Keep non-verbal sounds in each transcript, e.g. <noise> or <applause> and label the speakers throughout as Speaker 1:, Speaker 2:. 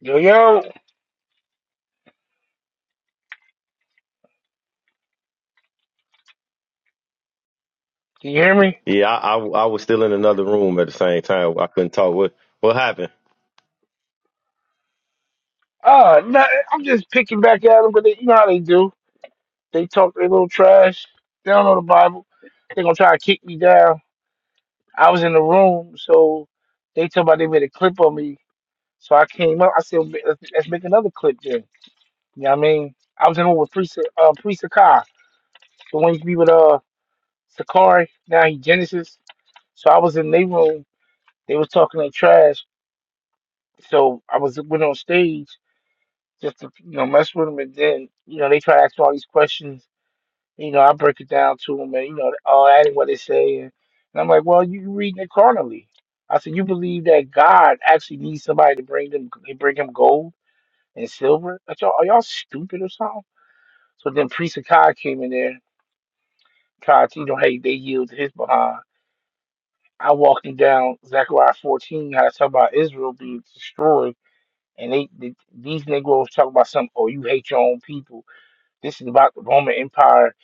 Speaker 1: Yo, yo, can you hear me?
Speaker 2: Yeah, I, I I was still in another room at the same time. I couldn't talk. What what happened?
Speaker 1: Ah, no, I'm just picking back at them, but they, you know how they do. They talk their little trash. They don't know the Bible. They're gonna try to kick me down. I was in the room, so they talk about they made a clip of me. So I came up. I said, let's, let's make another clip then. You know what I mean? I was in one with Priest, uh, Priest Sakai, the one used to be with uh Sakari. Now he Genesis. So I was in their room. They was talking their trash. So I was went on stage. just to you know mess with them, and then you know they try to ask all these questions. You know, I break it down to them, and you know, oh, that ain't what they say, and, and I'm like, well, you reading it carnally. I said, you believe that God actually needs somebody to bring them, bring him gold and silver. Are y'all, are y'all stupid or something? So then Priest of God came in there, tried to, you know, hey, they yield to his behind. I walked him down Zechariah 14, how to talk about Israel being destroyed, and they, they these Negroes talk about something. Oh, you hate your own people This is about the Roman Empire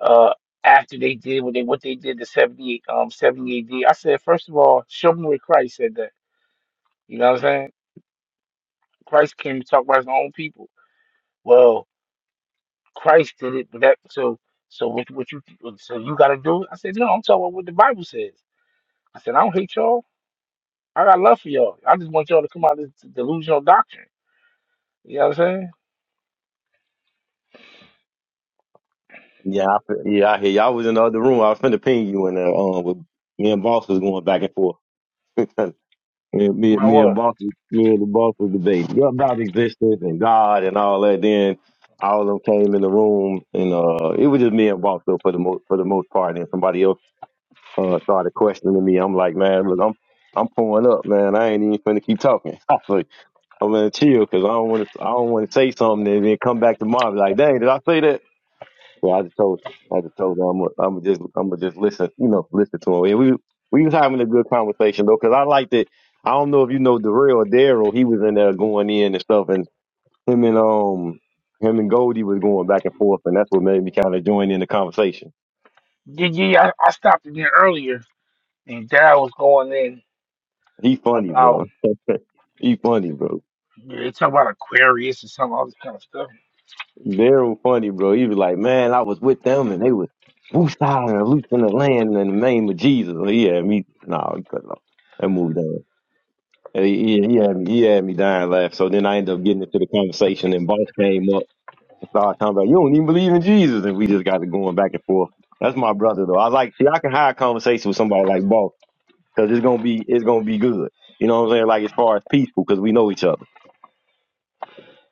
Speaker 1: uh, after they did what they what they did to 70 um 70 AD. I said, first of all, show me where Christ said that. You know what I'm saying? Christ came to talk about his own people. Well, Christ did it, but that so so what what you so you gotta do it? I said, No, I'm talking about what the Bible says. I said, I don't hate y'all. I got love for y'all. I just want y'all to come out of this delusional doctrine. You know what I'm saying?
Speaker 2: Yeah, I, fe- yeah, I hear you. I was in the other room. I was finna ping you in there. Um, with, me and boss was going back and forth. <laughs> me, me,
Speaker 1: My
Speaker 2: me and
Speaker 1: word.
Speaker 2: boss, me and the boss was debating What about existence and God and all that. Then all of them came in the room, and uh, it was just me and boss though for the most for the most part. And somebody else uh started questioning me. I'm like, man, look, I'm I'm pulling up, man. I ain't even finna keep talking. <laughs> I'm gonna chill because I don't want to. I don't want to say something and then come back tomorrow and be like, "Dang, did I say that?" So I just told. I just told her I'm. i I'm gonna just. I'm gonna just listen. You know, listen to him. And we we was having a good conversation though, because I liked it. I don't know if you know Darrell or Daryl. He was in there going in and stuff, and him and um him and Goldie was going back and forth, and that's what made me kind of join in the conversation.
Speaker 1: Yeah, yeah, I, I stopped in there earlier and Dad was going in
Speaker 2: He funny,
Speaker 1: about
Speaker 2: bro. <laughs> he funny, bro.
Speaker 1: Yeah, They talk about Aquarius and some all this kind of stuff.
Speaker 2: Very funny, bro. He was like, man, I was with them and they was Woosah and Luke in the land in the name of Jesus. He had me, no, he couldn't. I moved on. And He, he, he, had me, he had me dying laugh. So then I ended up getting into the conversation and boss came up and started talking about, you don't even believe in Jesus. And we just got to going back and forth. That's my brother though. I like, see, I can have a conversation with somebody like boss because it's going to be, it's going to be good. You know what I'm saying? Like as far as peaceful because we know each other.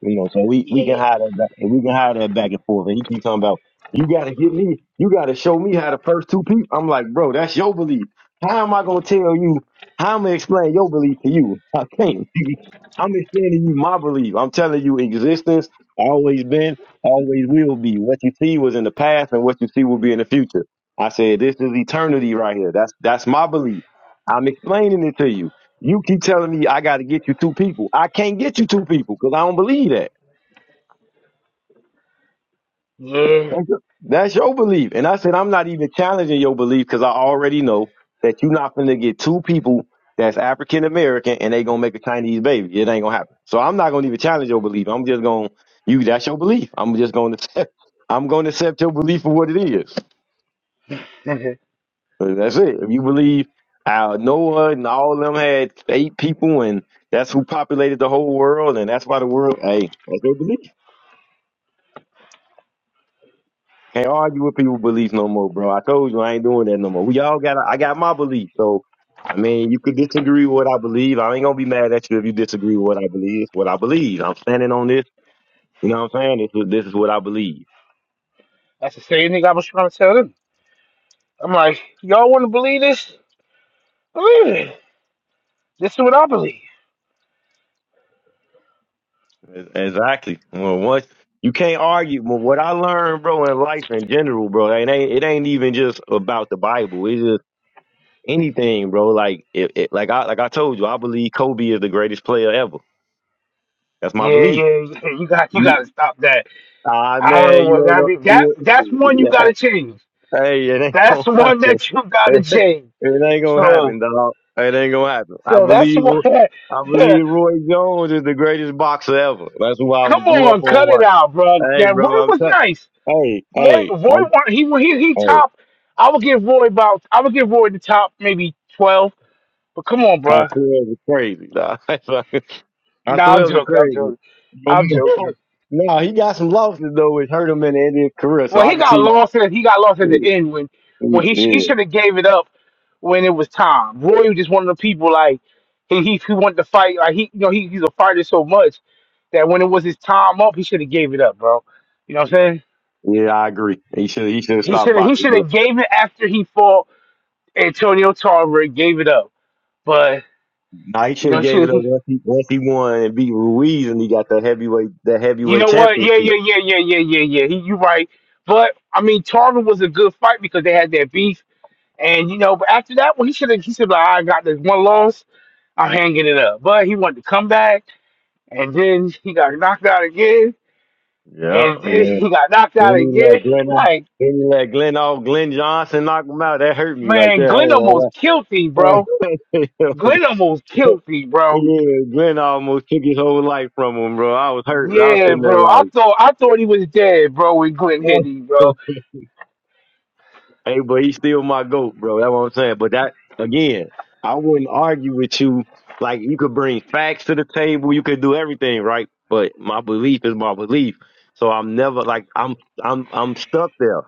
Speaker 2: You know, so we, we can
Speaker 1: Yeah,
Speaker 2: hide that back, we can hide that back and forth. And he keeps talking about you gotta get me, you gotta show me how the first two people I'm like, bro, that's your belief. How am I gonna tell you how am I to explain your belief to you? I can't. <laughs> I'm explaining you my belief. I'm telling you existence, always been, always will be. What you see was in the past and what you see will be in the future. I said, This is eternity right here. That's that's my belief. I'm explaining it to you. You keep telling me I got to get you two people. I can't get you two people because I don't believe that.
Speaker 1: yeah.
Speaker 2: That's your that's your belief. And I said, I'm not even challenging your belief because I already know that you're not going to get two people that's African American and they going to make a Chinese baby. It ain't going to happen. So I'm not going to even challenge your belief. I'm just going to, you, that's your belief. I'm just going to accept, I'm going to accept your belief for what it is. Uh, That's it. If you believe uh, Noah and all of them had eight people and that's who populated the whole world and that's why the world, hey, that's your belief. Can't argue with people's beliefs no more, bro. I told you I ain't doing that no more. We all got I got my belief. So I mean, you could disagree with what I believe. I ain't gonna be mad at you if you disagree with what I believe. It's what I believe. I'm standing on this. You know what I'm saying? This is this is what I believe.
Speaker 1: That's the same thing I was trying to tell them. I'm like, y'all want to believe this? Believe it. This is what I believe.
Speaker 2: E- Exactly. Well, once you can't argue. Well, what I learned, bro, in life in general, bro, it ain't it ain't even just about the Bible. It's just anything, bro. Like it, it like I like I told you, I believe Kobe is the greatest player ever. That's my
Speaker 1: Yeah,
Speaker 2: belief.
Speaker 1: yeah, yeah. You got, you got to stop that.
Speaker 2: Ah
Speaker 1: I don't
Speaker 2: man,
Speaker 1: know
Speaker 2: you
Speaker 1: what
Speaker 2: ain't
Speaker 1: that
Speaker 2: gonna.
Speaker 1: be. That,
Speaker 2: You,
Speaker 1: that's one you
Speaker 2: yeah,
Speaker 1: got
Speaker 2: eh,
Speaker 1: to change.
Speaker 2: hey, it ain't gonna
Speaker 1: That's one
Speaker 2: happen.
Speaker 1: that you got to
Speaker 2: <laughs>
Speaker 1: change.
Speaker 2: It, ain't gonna happen,
Speaker 1: So,
Speaker 2: dog. It ain't gonna happen. I
Speaker 1: so that's
Speaker 2: believe.
Speaker 1: the one.
Speaker 2: Roy-
Speaker 1: <laughs>
Speaker 2: I believe Roy Jones is the greatest boxer ever. That's who I
Speaker 1: Come
Speaker 2: grew up
Speaker 1: on,
Speaker 2: on.
Speaker 1: cut it
Speaker 2: Watch.
Speaker 1: out, bro.
Speaker 2: Hey,
Speaker 1: That one
Speaker 2: bro, I'm
Speaker 1: was
Speaker 2: telling.
Speaker 1: nice.
Speaker 2: Hey,
Speaker 1: Roy,
Speaker 2: hey,
Speaker 1: Roy, won-
Speaker 2: I'm.
Speaker 1: he he he
Speaker 2: Hey,
Speaker 1: top. I would give Roy about. I would give Roy the top maybe twelve. But come on,
Speaker 2: I
Speaker 1: bruh.
Speaker 2: twelve is crazy, dog. <laughs> I
Speaker 1: Nah, I'm
Speaker 2: twelve is
Speaker 1: joking. I'm
Speaker 2: crazy.
Speaker 1: joking.
Speaker 2: But
Speaker 1: I'm
Speaker 2: he-
Speaker 1: joking.
Speaker 2: <laughs> no, he got some losses though, which hurt him in the end of his career. So
Speaker 1: Well,
Speaker 2: I
Speaker 1: he
Speaker 2: can
Speaker 1: got
Speaker 2: see.
Speaker 1: lost. At, he got lost at the
Speaker 2: Yeah,
Speaker 1: end when when he sh- he
Speaker 2: yeah,
Speaker 1: should have gave it up when it was time. Roy was just one of the people like he he, he wanted to fight. Like he you know he, he's a fighter so much that when it was his time up, he should have gave it up, bro. You know what I'm saying?
Speaker 2: yeah, I agree. He should. He should have
Speaker 1: He
Speaker 2: stopped
Speaker 1: should have he
Speaker 2: boxing.
Speaker 1: should have gave it after he fought Antonio Tarver. Gave it up, but.
Speaker 2: Nah, he
Speaker 1: You
Speaker 2: should
Speaker 1: know,
Speaker 2: have gave
Speaker 1: shit.
Speaker 2: it up once he, once he won and beat Ruiz and he got the heavyweight the
Speaker 1: You
Speaker 2: heavyweight
Speaker 1: know what?
Speaker 2: championship.
Speaker 1: Yeah, yeah, yeah, yeah, yeah, yeah, yeah. He, you right. But I mean, Tarver was a good fight because they had that beef, and you know. But after that one, he should have. He should like, I got this one loss. I'm hanging it up. But he wanted to come back, and then he got knocked out again,
Speaker 2: Yeah,
Speaker 1: and then
Speaker 2: yeah.
Speaker 1: he got knocked out
Speaker 2: And he
Speaker 1: again.
Speaker 2: let
Speaker 1: <laughs>
Speaker 2: Glenn
Speaker 1: Like
Speaker 2: and he let Glenn all Glenn Johnson knock him out. That hurt me right
Speaker 1: man,
Speaker 2: there. I
Speaker 1: Glenn
Speaker 2: ain't
Speaker 1: almost killed me, bro.
Speaker 2: gonna lie. <laughs>
Speaker 1: Glenn almost killed me, bro.
Speaker 2: yeah, Glenn almost took his whole life from him, bro. I was hurt. I was
Speaker 1: Yeah,
Speaker 2: sitting there
Speaker 1: bro. I
Speaker 2: like
Speaker 1: thought I thought he was dead, bro. When Glenn hit him,
Speaker 2: <laughs>
Speaker 1: bro,
Speaker 2: Hey, but he's still my goat, bro. That's what I'm saying. But that again, I wouldn't argue with you. Like you could bring facts to the table, you could do everything, right? But my belief is my belief. So I'm never like I'm I'm I'm stuck there.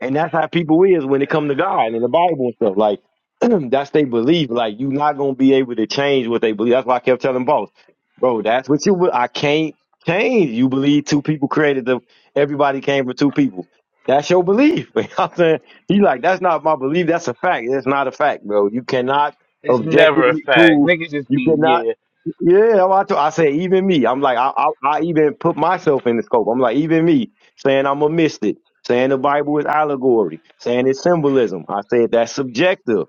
Speaker 2: And that's how people is when it come to God and the Bible and stuff. Like <clears throat> that's they belief. Like you not gonna be able to change what they believe. That's why I kept telling boss, bro, that's what you be- I can't change. You believe two people created the everybody came from two people. That's your belief. <laughs> You know what I'm saying. He like, that's not my belief. That's a fact. That's not a fact, bro. You cannot
Speaker 1: it's never a
Speaker 2: objectively
Speaker 1: fact.
Speaker 2: prove.
Speaker 1: Niggas just
Speaker 2: You
Speaker 1: be
Speaker 2: cannot.
Speaker 1: yeah.
Speaker 2: Yeah, I, I say even me. I'm like, I, I, I even put myself in the scope. I'm like, even me saying I'm a mystic, saying the Bible is allegory, saying it's symbolism. I said that's subjective.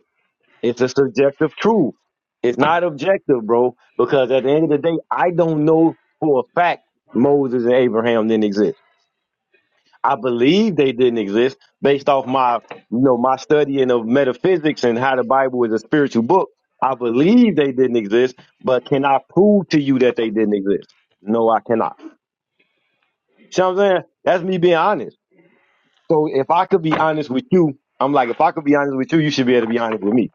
Speaker 2: It's a subjective truth. It's not objective, bro. Because at the end of the day, I don't know for a fact Moses and Abraham didn't exist. I believe they didn't exist based off my, you know, my studying of metaphysics and how the Bible is a spiritual book. I believe they didn't exist, but can I prove to you that they didn't exist? No, I cannot. See what I'm saying? That's me being honest. So if I could be honest with you, I'm like, if I could be honest with you, you should be able to be honest with me.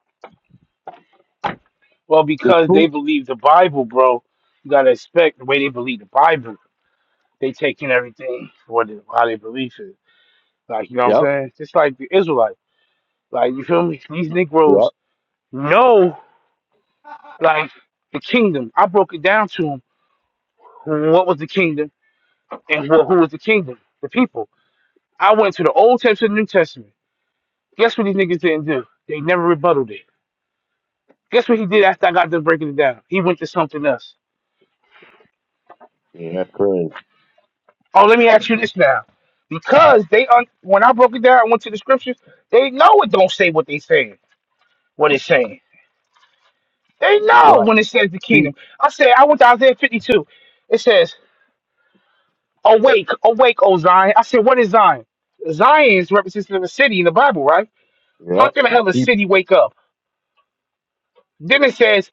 Speaker 1: Well,
Speaker 2: The
Speaker 1: because they
Speaker 2: truth.
Speaker 1: believe the Bible, bro. You gotta expect the way they believe the Bible. They taking everything what it- how they believe it. Like you know what I'm
Speaker 2: Yep.
Speaker 1: saying? Just like the Israelite. Like you feel me? These
Speaker 2: Yep.
Speaker 1: Negroes know like the kingdom. I broke it down to them. What was the kingdom and who, who was the kingdom? The people. I went to the Old Testament and the New Testament. Guess what these niggas didn't do? They never rebutted it. Guess what he did after I got done breaking it down? He went to something else.
Speaker 2: Yeah, that's crazy.
Speaker 1: Oh, let me ask you this now. Because they un- when I broke it down, I went to the scriptures, they know it don't say what they saying, what it's saying. They know
Speaker 2: Right.
Speaker 1: when it says the
Speaker 2: See.
Speaker 1: kingdom. I said, I went to Isaiah 52. It says, Awake, awake, O Zion. I said, What is Zion? Zion is representative of a city in the Bible, right? How
Speaker 2: Yep.
Speaker 1: can the hell a
Speaker 2: People.
Speaker 1: city wake up? Then it says,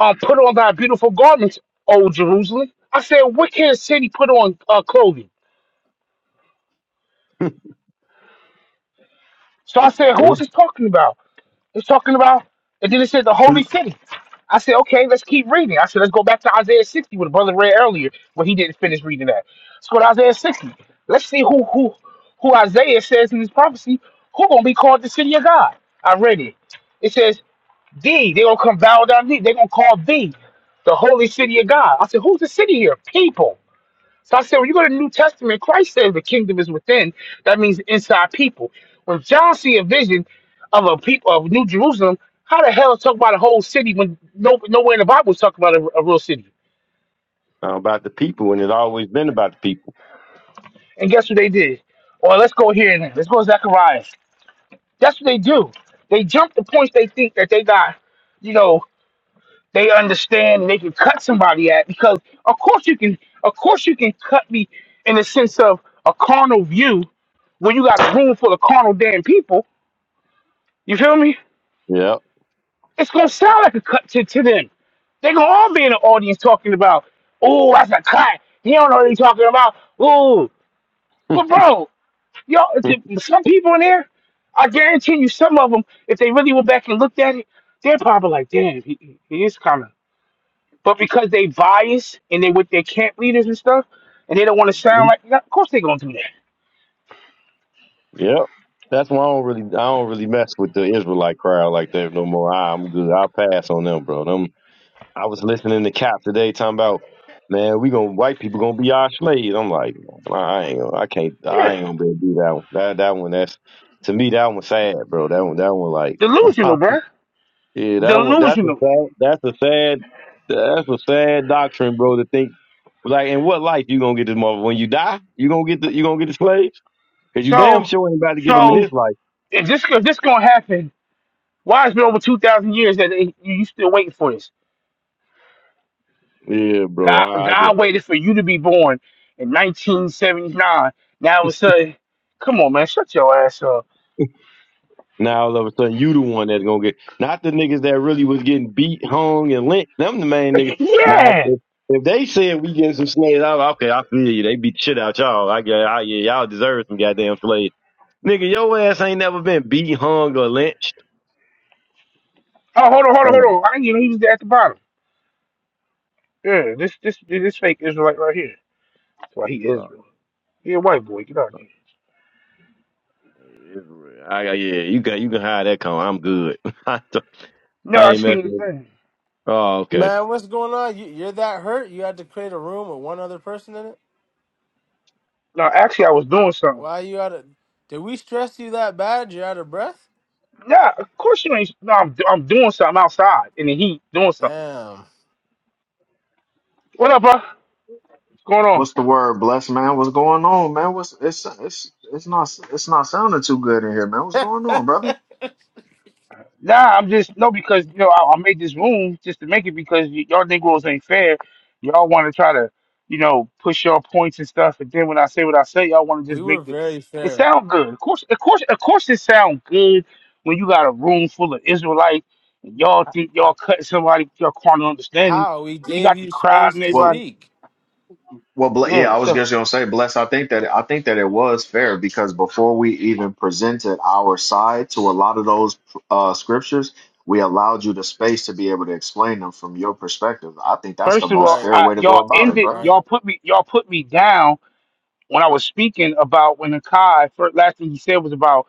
Speaker 1: um, put on thy beautiful garments, O Jerusalem. I said, What can a city put on uh, clothing?
Speaker 2: <laughs>
Speaker 1: So I said, Who
Speaker 2: Yeah.
Speaker 1: is this talking about? It's talking about, and then it says the holy
Speaker 2: Peep.
Speaker 1: city. I said, okay, let's keep reading. I said, let's go back to Isaiah 60, what the brother read earlier, where he didn't finish reading that. Let's go to Isaiah 60. Let's see who who who Isaiah says in this prophecy, who gonna be called the city of God. I read it. It says, thee, they gonna come bow down to thee, they gonna call thee the holy city of God. I said, who's the city here? People. So I said, when you go to the New Testament, Christ says the kingdom is within. That means inside people. When John see a vision of a people of New Jerusalem, how the hell talk about a whole city when no nowhere in the Bible talk about a, a real city?
Speaker 2: About the people, and it's always been about the people.
Speaker 1: And guess what they did? Well, let's go here and Let's go to Zechariah. That's what they do. They jump the points they think that they got, you know, They understand and they can cut somebody at because of course you can of course you can cut me in the sense of a carnal view when you got a room full of carnal damn people. You feel me? It's gonna sound like a cut to, to them. They gonna all be in the audience talking about, oh, that's a cut. He don't know what he's talking about. Ooh,
Speaker 2: Yep.
Speaker 1: but bro, y'all, some people in there, I guarantee you, some of them, if they really went back and looked at it, they're probably like, damn, he, he is kind of But because they biased and they with their camp leaders and stuff, and they don't want to
Speaker 2: <laughs>
Speaker 1: sound like, yeah, of course they gonna do that.
Speaker 2: Yep. That's why I don't really I don't really mess with the Israelite crowd like that no more. I, I'm good. I'll pass on them, bro. Them I was listening to Cap today talking about man, we gonna white people gonna be our slaves. I'm like, nah, I ain't gonna I can't I
Speaker 1: Yeah,
Speaker 2: ain't gonna be able to do that one. That that one that's to me that one sad, bro. That one that one like <laughs>
Speaker 1: delusional, bruh.
Speaker 2: Yeah, that one that's a
Speaker 1: delusional.
Speaker 2: sad that's a sad that's a sad doctrine, bro, to think like in what life you gonna get this mother when you die? You gonna get the you gonna get the slaves? Cause you damn
Speaker 1: So,
Speaker 2: sure ain't about to get them in
Speaker 1: so
Speaker 2: this life.
Speaker 1: if this if this gonna happen, why has it been over two thousand years that they, you you still waiting for this?
Speaker 2: Yeah, bro.
Speaker 1: God,
Speaker 2: I,
Speaker 1: God waited for you to be born in nineteen seventy nine. Now all of a sudden, come on, man, shut your ass up.
Speaker 2: now all of a sudden you the one that's gonna get not the niggas that really was getting beat, hung, and lynched. Them the main
Speaker 1: <laughs>
Speaker 2: niggas. Now if,
Speaker 1: yeah.
Speaker 2: if, if they said we getting some slaves, I'm okay. I feel you. They beat the shit out y'all. I get. I, yeah, y'all deserve some goddamn slaves. Nigga, your ass ain't never been beat, hung, or lynched.
Speaker 1: Oh, hold on, hold on,
Speaker 2: Oh,
Speaker 1: hold on. I didn't even know he was there at the bottom. Yeah, this this this fake Israelite right here. That's why he is.
Speaker 2: oh,
Speaker 1: Yeah, white boy, get out of here.
Speaker 2: Israel. I, I- yeah, you can you can hide that con. I'm good. <laughs> I, don't-
Speaker 1: No,
Speaker 2: I
Speaker 1: I
Speaker 2: ain't
Speaker 1: see
Speaker 2: messing
Speaker 1: the
Speaker 2: with it.
Speaker 1: thing.
Speaker 2: Oh, okay.
Speaker 3: Man, what's going on? You, you're that hurt? You had to create a room with one other person in it?
Speaker 1: No, actually, I was doing something.
Speaker 3: Why you out of. Did we stress you that bad? You're out of breath?
Speaker 1: Nah, of course you ain't. No, I'm, I'm doing something outside in the heat, doing something.
Speaker 3: Damn.
Speaker 1: What up, bro? What's going on?
Speaker 4: What's the word, blessed man? What's going on, man? What's it's it's it's not it's not sounding too good in here, man. What's going
Speaker 3: <laughs>
Speaker 4: on, brother?
Speaker 1: Nah, I'm just no because you know I, I made this room just to make it because y- y'all Negroes ain't fair. Y'all want to try to you know push your points and stuff, and then when I say what I say, y'all want to
Speaker 3: We
Speaker 1: just
Speaker 3: were
Speaker 1: make it.
Speaker 3: very
Speaker 1: It
Speaker 3: fair.
Speaker 1: sound good, of course, of course, of course, it sound good when you got a room full of Israelites and y'all think y'all cutting somebody y'all carnal understanding,
Speaker 3: How? We
Speaker 1: and you
Speaker 3: gave
Speaker 1: got the
Speaker 3: you
Speaker 1: crowd
Speaker 3: space
Speaker 1: and
Speaker 3: to
Speaker 4: Well,
Speaker 1: everybody.
Speaker 3: speak.
Speaker 4: well, ble- yeah,
Speaker 1: Yeah,
Speaker 4: I was
Speaker 1: so
Speaker 4: just gonna say, bless. I think that I think that it was fair because before we even presented our side to a lot of those uh, scriptures, we allowed you the space to be able to explain them from your perspective. I think that's the
Speaker 1: first of all,
Speaker 4: most
Speaker 3: Right,
Speaker 4: fair
Speaker 1: I,
Speaker 4: way to go
Speaker 1: y'all
Speaker 4: about it,
Speaker 1: ended,
Speaker 4: brother.
Speaker 3: right.
Speaker 1: y'all put me, y'all put me down when I was speaking about when Akai first last thing he said was about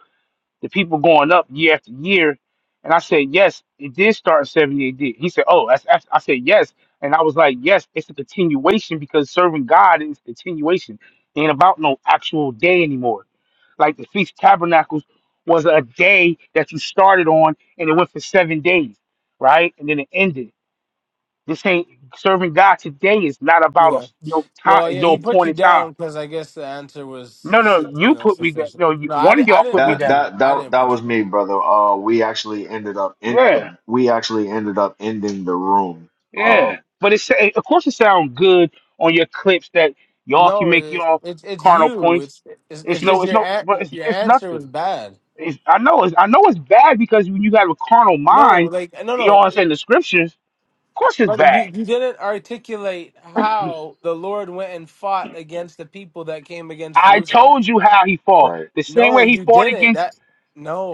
Speaker 1: the people going up year after year. And I said, yes, it did start in 70 AD. He said, oh, that's, that's, I said, yes. And I was like, yes, it's a continuation because serving God is continuation. Ain't about no actual day anymore. Like the Feast of Tabernacles was a day that you started on and it went for seven days, right? And then it ended. This ain't serving God today is not about a
Speaker 3: Yeah.
Speaker 1: no time,
Speaker 3: Well, yeah,
Speaker 1: no
Speaker 3: he put you
Speaker 1: appointed time.
Speaker 3: down because I guess the answer was,
Speaker 1: No, no,
Speaker 3: su- you
Speaker 1: you
Speaker 3: know,
Speaker 1: put me down.
Speaker 3: sufficient.
Speaker 1: No, you,
Speaker 3: No, I,
Speaker 1: one
Speaker 3: di-
Speaker 1: of
Speaker 3: I
Speaker 1: y'all
Speaker 3: didn't
Speaker 1: put me
Speaker 3: put
Speaker 4: That
Speaker 3: you.
Speaker 1: down.
Speaker 4: that
Speaker 3: I
Speaker 4: that
Speaker 3: didn't
Speaker 4: that
Speaker 3: put you
Speaker 4: was
Speaker 3: down.
Speaker 4: me, brother. Uh, we actually ended up in
Speaker 1: Yeah.
Speaker 4: we actually ended up ending the room.
Speaker 1: Yeah,
Speaker 4: Um,
Speaker 1: but it's eh, of course it sounds good on your clips that y'all can
Speaker 3: No,
Speaker 1: make
Speaker 3: it,
Speaker 1: y'all
Speaker 3: it's it's
Speaker 1: carnal
Speaker 3: you.
Speaker 1: points.
Speaker 3: It's it's,
Speaker 1: It's
Speaker 3: it's
Speaker 1: no,
Speaker 3: just
Speaker 1: it's
Speaker 3: your
Speaker 1: no,
Speaker 3: an-
Speaker 1: but it's
Speaker 3: your
Speaker 1: it's
Speaker 3: answer was
Speaker 1: nothing.
Speaker 3: bad.
Speaker 1: It's, I know it's I know it's bad because when you have a carnal
Speaker 3: No,
Speaker 1: mind,
Speaker 3: like no,
Speaker 1: you know
Speaker 3: no.
Speaker 1: what I'm saying. The scriptures, of course, it's
Speaker 3: Brother, you,
Speaker 1: bad.
Speaker 3: you didn't articulate how the Lord went and fought against the people that came against
Speaker 1: I
Speaker 3: Jerusalem.
Speaker 1: told you how he fought.
Speaker 4: right.
Speaker 1: The same
Speaker 3: No,
Speaker 1: way he
Speaker 3: you
Speaker 1: fought
Speaker 3: didn't.
Speaker 1: against
Speaker 3: That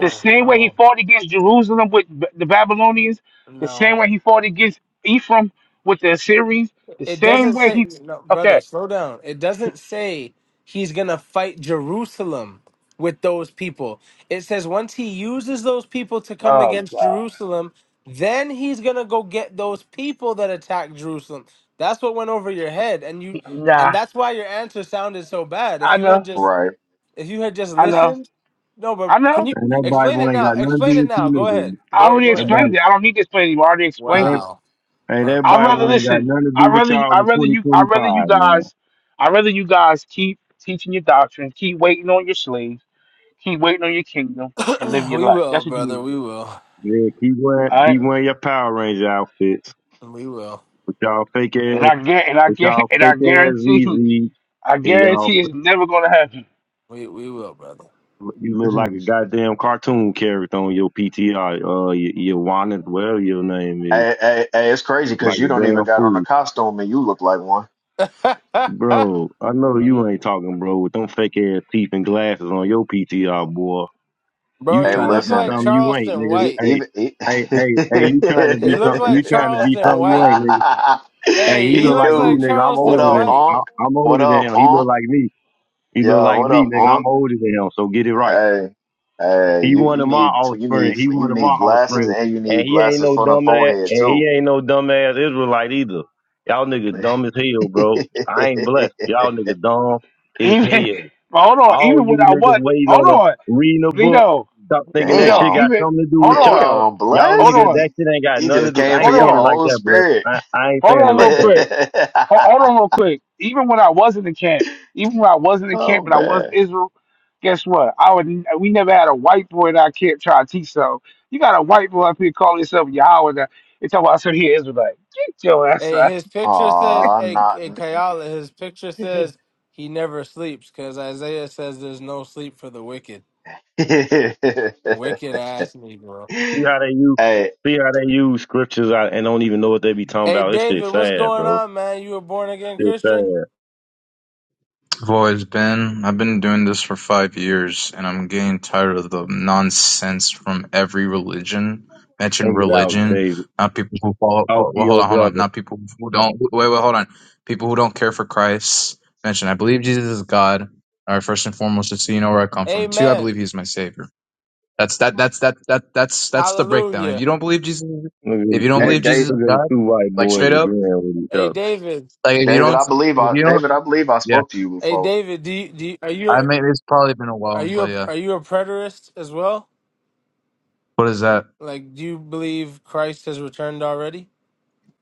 Speaker 1: the same way he
Speaker 3: no,
Speaker 1: fought against Jerusalem with B- the Babylonians. The same
Speaker 3: no.
Speaker 1: way he fought against Ephraim with the Assyrians. The
Speaker 3: It
Speaker 1: same
Speaker 3: doesn't
Speaker 1: way
Speaker 3: say,
Speaker 1: he
Speaker 3: no, brother,
Speaker 1: okay.
Speaker 3: slow down. It doesn't say he's going to fight Jerusalem with those people. It says once he uses those people to come
Speaker 1: Oh
Speaker 3: against
Speaker 1: God,
Speaker 3: Jerusalem, then he's going to go get those people that attacked Jerusalem. That's what went over your head and you and
Speaker 1: nah.
Speaker 3: that's why your answer sounded so bad. If
Speaker 1: I
Speaker 3: you had
Speaker 1: know.
Speaker 3: just
Speaker 4: Right.
Speaker 3: if you had just
Speaker 1: I know.
Speaker 3: listened, no, but
Speaker 1: I
Speaker 3: can
Speaker 1: know.
Speaker 3: you
Speaker 2: And that
Speaker 3: explain
Speaker 2: Bible
Speaker 3: it
Speaker 2: ain't
Speaker 3: now?
Speaker 2: got nothing to
Speaker 3: Explain
Speaker 2: do
Speaker 3: it
Speaker 2: with
Speaker 3: now. Go ahead.
Speaker 2: you
Speaker 1: I
Speaker 3: Go
Speaker 1: already
Speaker 3: go
Speaker 2: niggas. That
Speaker 3: ahead.
Speaker 1: explained it.
Speaker 2: Bible.
Speaker 1: I don't need to explain it. anymore. I already explained it.
Speaker 3: Wow.
Speaker 2: Hey, that
Speaker 3: Perfect.
Speaker 1: I'd rather
Speaker 2: Bible
Speaker 3: Wow.
Speaker 2: ain't got
Speaker 1: listen.
Speaker 2: nothing to do
Speaker 1: I'd
Speaker 2: with
Speaker 1: rather
Speaker 2: y'all
Speaker 1: I'd
Speaker 2: in
Speaker 1: rather you I'd rather you
Speaker 2: 2025, man.
Speaker 1: guys I'd rather you guys keep teaching your doctrine, keep waiting on your slaves, keep waiting on your kingdom, and live
Speaker 3: <clears throat>
Speaker 1: your
Speaker 3: we
Speaker 1: life.
Speaker 3: will,
Speaker 1: That's what you
Speaker 3: brother.
Speaker 1: need to
Speaker 3: We
Speaker 1: do.
Speaker 3: will.
Speaker 2: Yeah, keep wearing,
Speaker 1: All
Speaker 2: keep
Speaker 1: right?
Speaker 4: Yeah.
Speaker 2: wearing your Power Ranger outfits
Speaker 3: We will.
Speaker 2: with y'all fake
Speaker 1: And
Speaker 2: ass,
Speaker 1: I get and I
Speaker 2: with
Speaker 1: get <laughs>
Speaker 2: y'all
Speaker 1: and I
Speaker 2: fake ass
Speaker 1: guarantee
Speaker 2: ZZ, and
Speaker 1: I
Speaker 2: y'all,
Speaker 1: guarantee it's never gonna happen.
Speaker 3: We we will, brother.
Speaker 2: you
Speaker 4: <laughs>
Speaker 2: look
Speaker 4: hey,
Speaker 2: like a goddamn cartoon character on your PTR, uh, your, your Wanda, whatever your name is,
Speaker 4: hey, hey, it's crazy because
Speaker 2: like
Speaker 4: you
Speaker 2: a
Speaker 4: don't
Speaker 2: damn
Speaker 4: even got on a
Speaker 2: fool.
Speaker 4: costume and you look like one.
Speaker 3: <laughs>
Speaker 2: Bro, I know you
Speaker 1: Mhm.
Speaker 2: ain't talking, bro, with them fake ass teeth and glasses on your PTR, boy.
Speaker 3: Bro,
Speaker 2: You
Speaker 4: Hey,
Speaker 3: you
Speaker 2: trying to
Speaker 3: look
Speaker 2: be
Speaker 4: listen,
Speaker 3: like
Speaker 2: something you ain't,
Speaker 3: Charleston
Speaker 2: nigga.
Speaker 4: e-
Speaker 3: White.
Speaker 2: Hey,
Speaker 4: even e-
Speaker 2: hey, hey, hey, you trying to
Speaker 3: You
Speaker 2: be
Speaker 3: look
Speaker 2: something,
Speaker 3: like
Speaker 2: you trying to be
Speaker 3: Charleston
Speaker 2: something you
Speaker 3: White.
Speaker 2: ain't, nigga. Hey,
Speaker 4: <laughs>
Speaker 3: Hey,
Speaker 2: he
Speaker 4: he
Speaker 3: he
Speaker 2: look like
Speaker 3: looks
Speaker 2: me,
Speaker 3: like
Speaker 4: do.
Speaker 2: nigga. I'm
Speaker 4: What
Speaker 3: Charleston
Speaker 2: older than
Speaker 4: up,
Speaker 2: him.
Speaker 3: White.
Speaker 2: I,
Speaker 4: Onk?
Speaker 2: I'm
Speaker 4: What
Speaker 2: older than
Speaker 4: up,
Speaker 2: him. He look
Speaker 4: Onk?
Speaker 2: like me. He look
Speaker 4: Yeah,
Speaker 2: like
Speaker 4: what
Speaker 2: me,
Speaker 4: up,
Speaker 2: nigga.
Speaker 4: Onk?
Speaker 2: I'm older than him. So get it right.
Speaker 4: Hey, hey,
Speaker 2: He
Speaker 4: you
Speaker 2: one
Speaker 4: you
Speaker 2: of my
Speaker 4: need you
Speaker 2: offspring.
Speaker 4: need
Speaker 2: He one
Speaker 4: you
Speaker 2: of my
Speaker 4: need glasses
Speaker 2: offspring.
Speaker 4: and you
Speaker 2: And
Speaker 4: need
Speaker 2: he ain't
Speaker 4: glasses
Speaker 2: no
Speaker 4: for the
Speaker 2: dumbass,
Speaker 4: forehead
Speaker 2: and
Speaker 4: too.
Speaker 2: he ain't no dumbass Israelite either. Y'all niggas dumb as hell, bro. I ain't blessed.
Speaker 4: <laughs>
Speaker 2: Y'all niggas dumb as
Speaker 1: Even
Speaker 2: hell.
Speaker 1: but hold on,
Speaker 2: All
Speaker 1: even when
Speaker 2: you
Speaker 1: I
Speaker 2: niggas
Speaker 1: what
Speaker 2: waiting
Speaker 1: hold
Speaker 2: on a
Speaker 1: on,
Speaker 2: reading a book.
Speaker 1: Bleedo,
Speaker 2: Stop thinking that
Speaker 1: Bleedo,
Speaker 2: shit
Speaker 4: Damn.
Speaker 2: got
Speaker 1: even
Speaker 2: something to do
Speaker 1: hold
Speaker 2: with
Speaker 1: on,
Speaker 2: y'all.
Speaker 4: Damn,
Speaker 2: Y'all
Speaker 1: hold
Speaker 4: bless.
Speaker 2: niggas,
Speaker 4: He
Speaker 1: on,
Speaker 2: that shit ain't got
Speaker 4: he
Speaker 2: nothing to
Speaker 4: just
Speaker 2: do.
Speaker 4: came
Speaker 2: I
Speaker 4: for
Speaker 2: ain't
Speaker 1: hold
Speaker 2: saying
Speaker 4: your
Speaker 2: it
Speaker 1: on,
Speaker 2: like
Speaker 4: whole
Speaker 2: that,
Speaker 4: spirit.
Speaker 2: but I, I ain't
Speaker 1: hold
Speaker 2: saying it
Speaker 1: on
Speaker 2: like
Speaker 1: real
Speaker 2: that. But
Speaker 1: quick.
Speaker 4: <laughs>
Speaker 1: Ho- Hold on real quick. Even when I was in the camp, even when I was in the camp
Speaker 4: oh
Speaker 1: and I was
Speaker 4: man.
Speaker 1: in Israel, guess what? I would n- we never had a white boy in our camp try to teach so. You got a white boy up here calling himself Yahweh now. It's talking about I said here Israelite. Get your ass
Speaker 3: Hey,
Speaker 1: out.
Speaker 3: his picture says,
Speaker 4: Aw,
Speaker 3: hey,
Speaker 4: not.
Speaker 3: hey Kayala, his picture
Speaker 1: <laughs>
Speaker 3: says he never sleeps because Isaiah says there's no sleep for the wicked.
Speaker 4: <laughs> hey,
Speaker 3: Wicked ass me, bro.
Speaker 2: see how they use,
Speaker 4: hey,
Speaker 2: see how they use scriptures out and don't even know what they be talking
Speaker 3: Hey,
Speaker 2: about. This shit
Speaker 3: David, what's
Speaker 2: sad,
Speaker 3: going
Speaker 2: bro.
Speaker 3: on, man? You a born again
Speaker 2: Shit
Speaker 3: Christian?
Speaker 2: sad.
Speaker 5: I've always been. I've been doing this for five years, and I'm getting tired of the nonsense from every religion. Mention
Speaker 2: Think it out,
Speaker 3: Amen.
Speaker 5: religion,
Speaker 2: David.
Speaker 5: not people who follow.
Speaker 2: Talk to
Speaker 5: Well, hold
Speaker 2: your
Speaker 5: on, hold on.
Speaker 2: brother.
Speaker 5: Not people who don't. Wait, wait, hold on. People who don't care for Christ. Mention. I believe Jesus is God. All right, first and foremost, just so you know where I come from. Two, I believe
Speaker 3: Amen.
Speaker 5: He's my Savior. That's that. That's that. That that's that's the breakdown. If you
Speaker 3: Hallelujah.
Speaker 5: don't believe Jesus,
Speaker 2: Look at
Speaker 5: if
Speaker 2: the
Speaker 5: you don't
Speaker 2: two,
Speaker 5: believe Jesus
Speaker 4: Dave,
Speaker 2: look
Speaker 5: is
Speaker 2: at the
Speaker 5: God,
Speaker 2: two white
Speaker 5: like
Speaker 2: boys
Speaker 5: straight up,
Speaker 2: agreeing with each
Speaker 3: Hey,
Speaker 2: other.
Speaker 3: David.
Speaker 5: like if you
Speaker 4: David.
Speaker 5: don't,
Speaker 4: I believe
Speaker 5: if
Speaker 4: I,
Speaker 5: you don't,
Speaker 4: David. I believe I
Speaker 5: yeah.
Speaker 4: spoke to you
Speaker 3: Hey,
Speaker 4: before.
Speaker 3: David, do you, do you, are
Speaker 5: I
Speaker 3: you?
Speaker 5: mean, it's probably been a
Speaker 3: Are
Speaker 5: while,
Speaker 3: you
Speaker 5: but
Speaker 3: a
Speaker 5: yeah.
Speaker 3: are you a preterist as well?
Speaker 5: What is that?
Speaker 3: Like, do you believe Christ has returned already?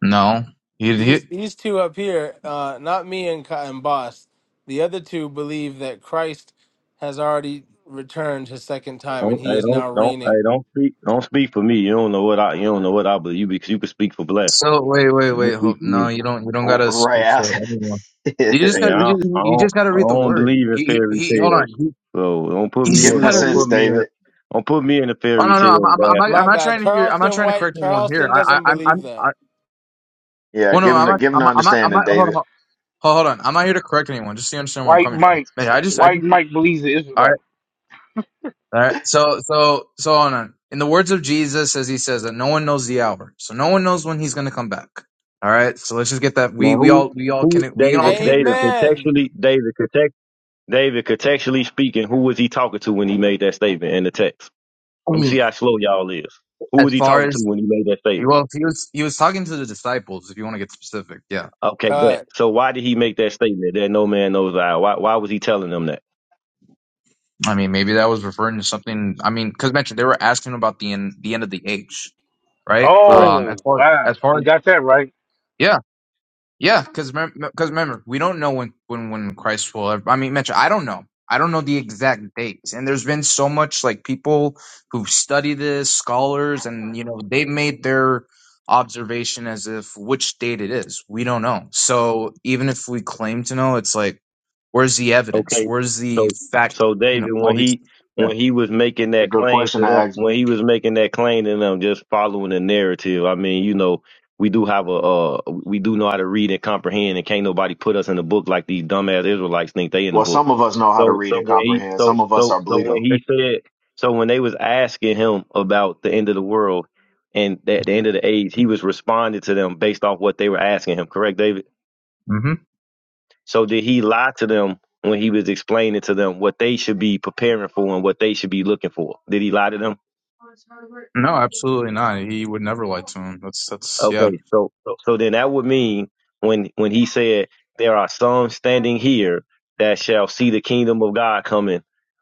Speaker 5: No. You, you
Speaker 3: These these two up here, uh, not me and Ka- and Boss, the other two believe that Christ has already returned his second time and
Speaker 2: Don't,
Speaker 3: he
Speaker 2: hey,
Speaker 3: is
Speaker 2: don't,
Speaker 3: now
Speaker 2: don't, hey,
Speaker 3: reigning.
Speaker 2: don't speak, don't speak for me. You don't know what I, you don't know what I believe. You, be- you can speak for bless.
Speaker 5: so wait, wait, wait.
Speaker 2: Don't speak
Speaker 5: Hold,
Speaker 2: for me.
Speaker 5: no, you don't. You don't
Speaker 4: R-
Speaker 5: gotta
Speaker 4: Right
Speaker 5: speak for
Speaker 4: after.
Speaker 5: anyone.
Speaker 4: <laughs>
Speaker 5: You just got.
Speaker 4: give
Speaker 2: Yeah, I,
Speaker 5: You, ju-
Speaker 2: I
Speaker 5: you
Speaker 2: don't
Speaker 5: just gotta
Speaker 2: I
Speaker 5: read the
Speaker 2: don't
Speaker 5: word.
Speaker 2: believe in
Speaker 5: He. He.
Speaker 2: fairy
Speaker 5: he- Hold on.
Speaker 2: tales.
Speaker 5: He.
Speaker 2: So don't put
Speaker 5: He
Speaker 2: me
Speaker 5: just
Speaker 4: him
Speaker 2: in
Speaker 4: the
Speaker 5: gotta
Speaker 2: don't
Speaker 5: read.
Speaker 4: sense,
Speaker 2: put me in a
Speaker 4: David.
Speaker 2: don't put me in a
Speaker 5: Oh
Speaker 2: fairy
Speaker 5: no, no. I'm.
Speaker 2: tale
Speaker 5: I'm. I'm not,
Speaker 2: basket.
Speaker 5: I'm
Speaker 3: My
Speaker 5: not
Speaker 3: bad,
Speaker 5: trying to hear. I'm not
Speaker 3: Charleston
Speaker 5: trying to
Speaker 3: White.
Speaker 5: correct anyone here.
Speaker 3: Charleston
Speaker 5: I. I.
Speaker 3: doesn't
Speaker 5: I'm.
Speaker 3: believe
Speaker 5: I'm I,
Speaker 3: that.
Speaker 4: Yeah,
Speaker 5: well, no.
Speaker 4: give him
Speaker 5: I'm
Speaker 4: the
Speaker 5: not.
Speaker 4: give him
Speaker 5: I'm.
Speaker 4: the
Speaker 5: not- I'm not. I'm
Speaker 4: understanding,
Speaker 5: not.
Speaker 4: David.
Speaker 5: Hold on. Hold, hold on. I'm not here to correct anyone. Just so you understand where I'm
Speaker 1: White
Speaker 5: coming from.
Speaker 1: Mike.
Speaker 5: Man, I just. I
Speaker 1: White
Speaker 5: just.
Speaker 1: Mike believes the Israelite.
Speaker 5: All right. So, so, so on. on. In the words of Jesus, as he says that no one knows the hour, so no one knows when he's going to come back. All right. So let's just get that. We
Speaker 2: Now
Speaker 5: we
Speaker 2: who
Speaker 5: all we all
Speaker 2: who
Speaker 5: can we can all
Speaker 2: David
Speaker 5: can agree
Speaker 2: David
Speaker 3: Amen.
Speaker 2: contextually David context David contextually speaking, who was he talking to when he made that statement in the text?
Speaker 5: on.
Speaker 2: Let me
Speaker 5: Mm.
Speaker 2: see how slow y'all is. Who
Speaker 5: As
Speaker 2: was he
Speaker 5: far
Speaker 2: talking to
Speaker 5: as
Speaker 2: when he made that statement?
Speaker 5: well, he was he was talking to the disciples. If you want to get specific, yeah.
Speaker 2: Okay, bet.
Speaker 3: Cut.
Speaker 2: So why did he make that statement that no man knows I? Why why was he telling them that?
Speaker 5: I mean, maybe that was referring to something. I mean, because mentioned they were asking about the end the end of the age, right?
Speaker 2: Correct.
Speaker 5: Um, as
Speaker 1: Oh
Speaker 5: far
Speaker 1: wow.
Speaker 5: as far
Speaker 1: You
Speaker 5: as
Speaker 1: got that right.
Speaker 5: yeah, Yeah, because because remember, we don't know when when when Christ will. Ever, I mean, Mitch, I don't know. I don't know the exact dates, and there's been so much like people who've studied this, scholars, and you know they've made their observation as if which date it is. We don't know. So even if we claim to know, it's like, where's the evidence?
Speaker 2: Okay,
Speaker 5: Where's the
Speaker 2: so
Speaker 5: fact?
Speaker 2: so
Speaker 5: You
Speaker 2: David,
Speaker 5: know, all
Speaker 2: when
Speaker 5: these.
Speaker 2: he when he was making
Speaker 4: It's a
Speaker 2: that
Speaker 4: good
Speaker 2: claim
Speaker 4: question
Speaker 2: to
Speaker 4: to
Speaker 2: them,
Speaker 4: ask.
Speaker 2: when he was making that claim to them, just following the narrative. I mean, you know, we do have a uh, we do know how to read and comprehend, and can't nobody put us in the book like these dumbass Israelites think they in the
Speaker 4: Well,
Speaker 2: book.
Speaker 4: some of us know how to
Speaker 2: So
Speaker 4: read
Speaker 2: so
Speaker 4: and
Speaker 2: when he
Speaker 4: comprehend.
Speaker 2: so
Speaker 4: Some of us
Speaker 2: so
Speaker 4: are
Speaker 2: so when
Speaker 4: Bleedo.
Speaker 5: Yeah.
Speaker 2: he said so when they was asking him about the end of the world and at the end of the age, he was responding to them based off what they were asking him. Correct, David?
Speaker 5: Mm-hmm.
Speaker 2: So did he lie to them when he was explaining to them what they should be preparing for and what they should be looking for? Did he lie to them?
Speaker 5: No, absolutely not. He would never lie to him. That's that's yeah.
Speaker 2: Okay, so so so then that would mean when when he said there are some standing here that shall see the kingdom of God coming,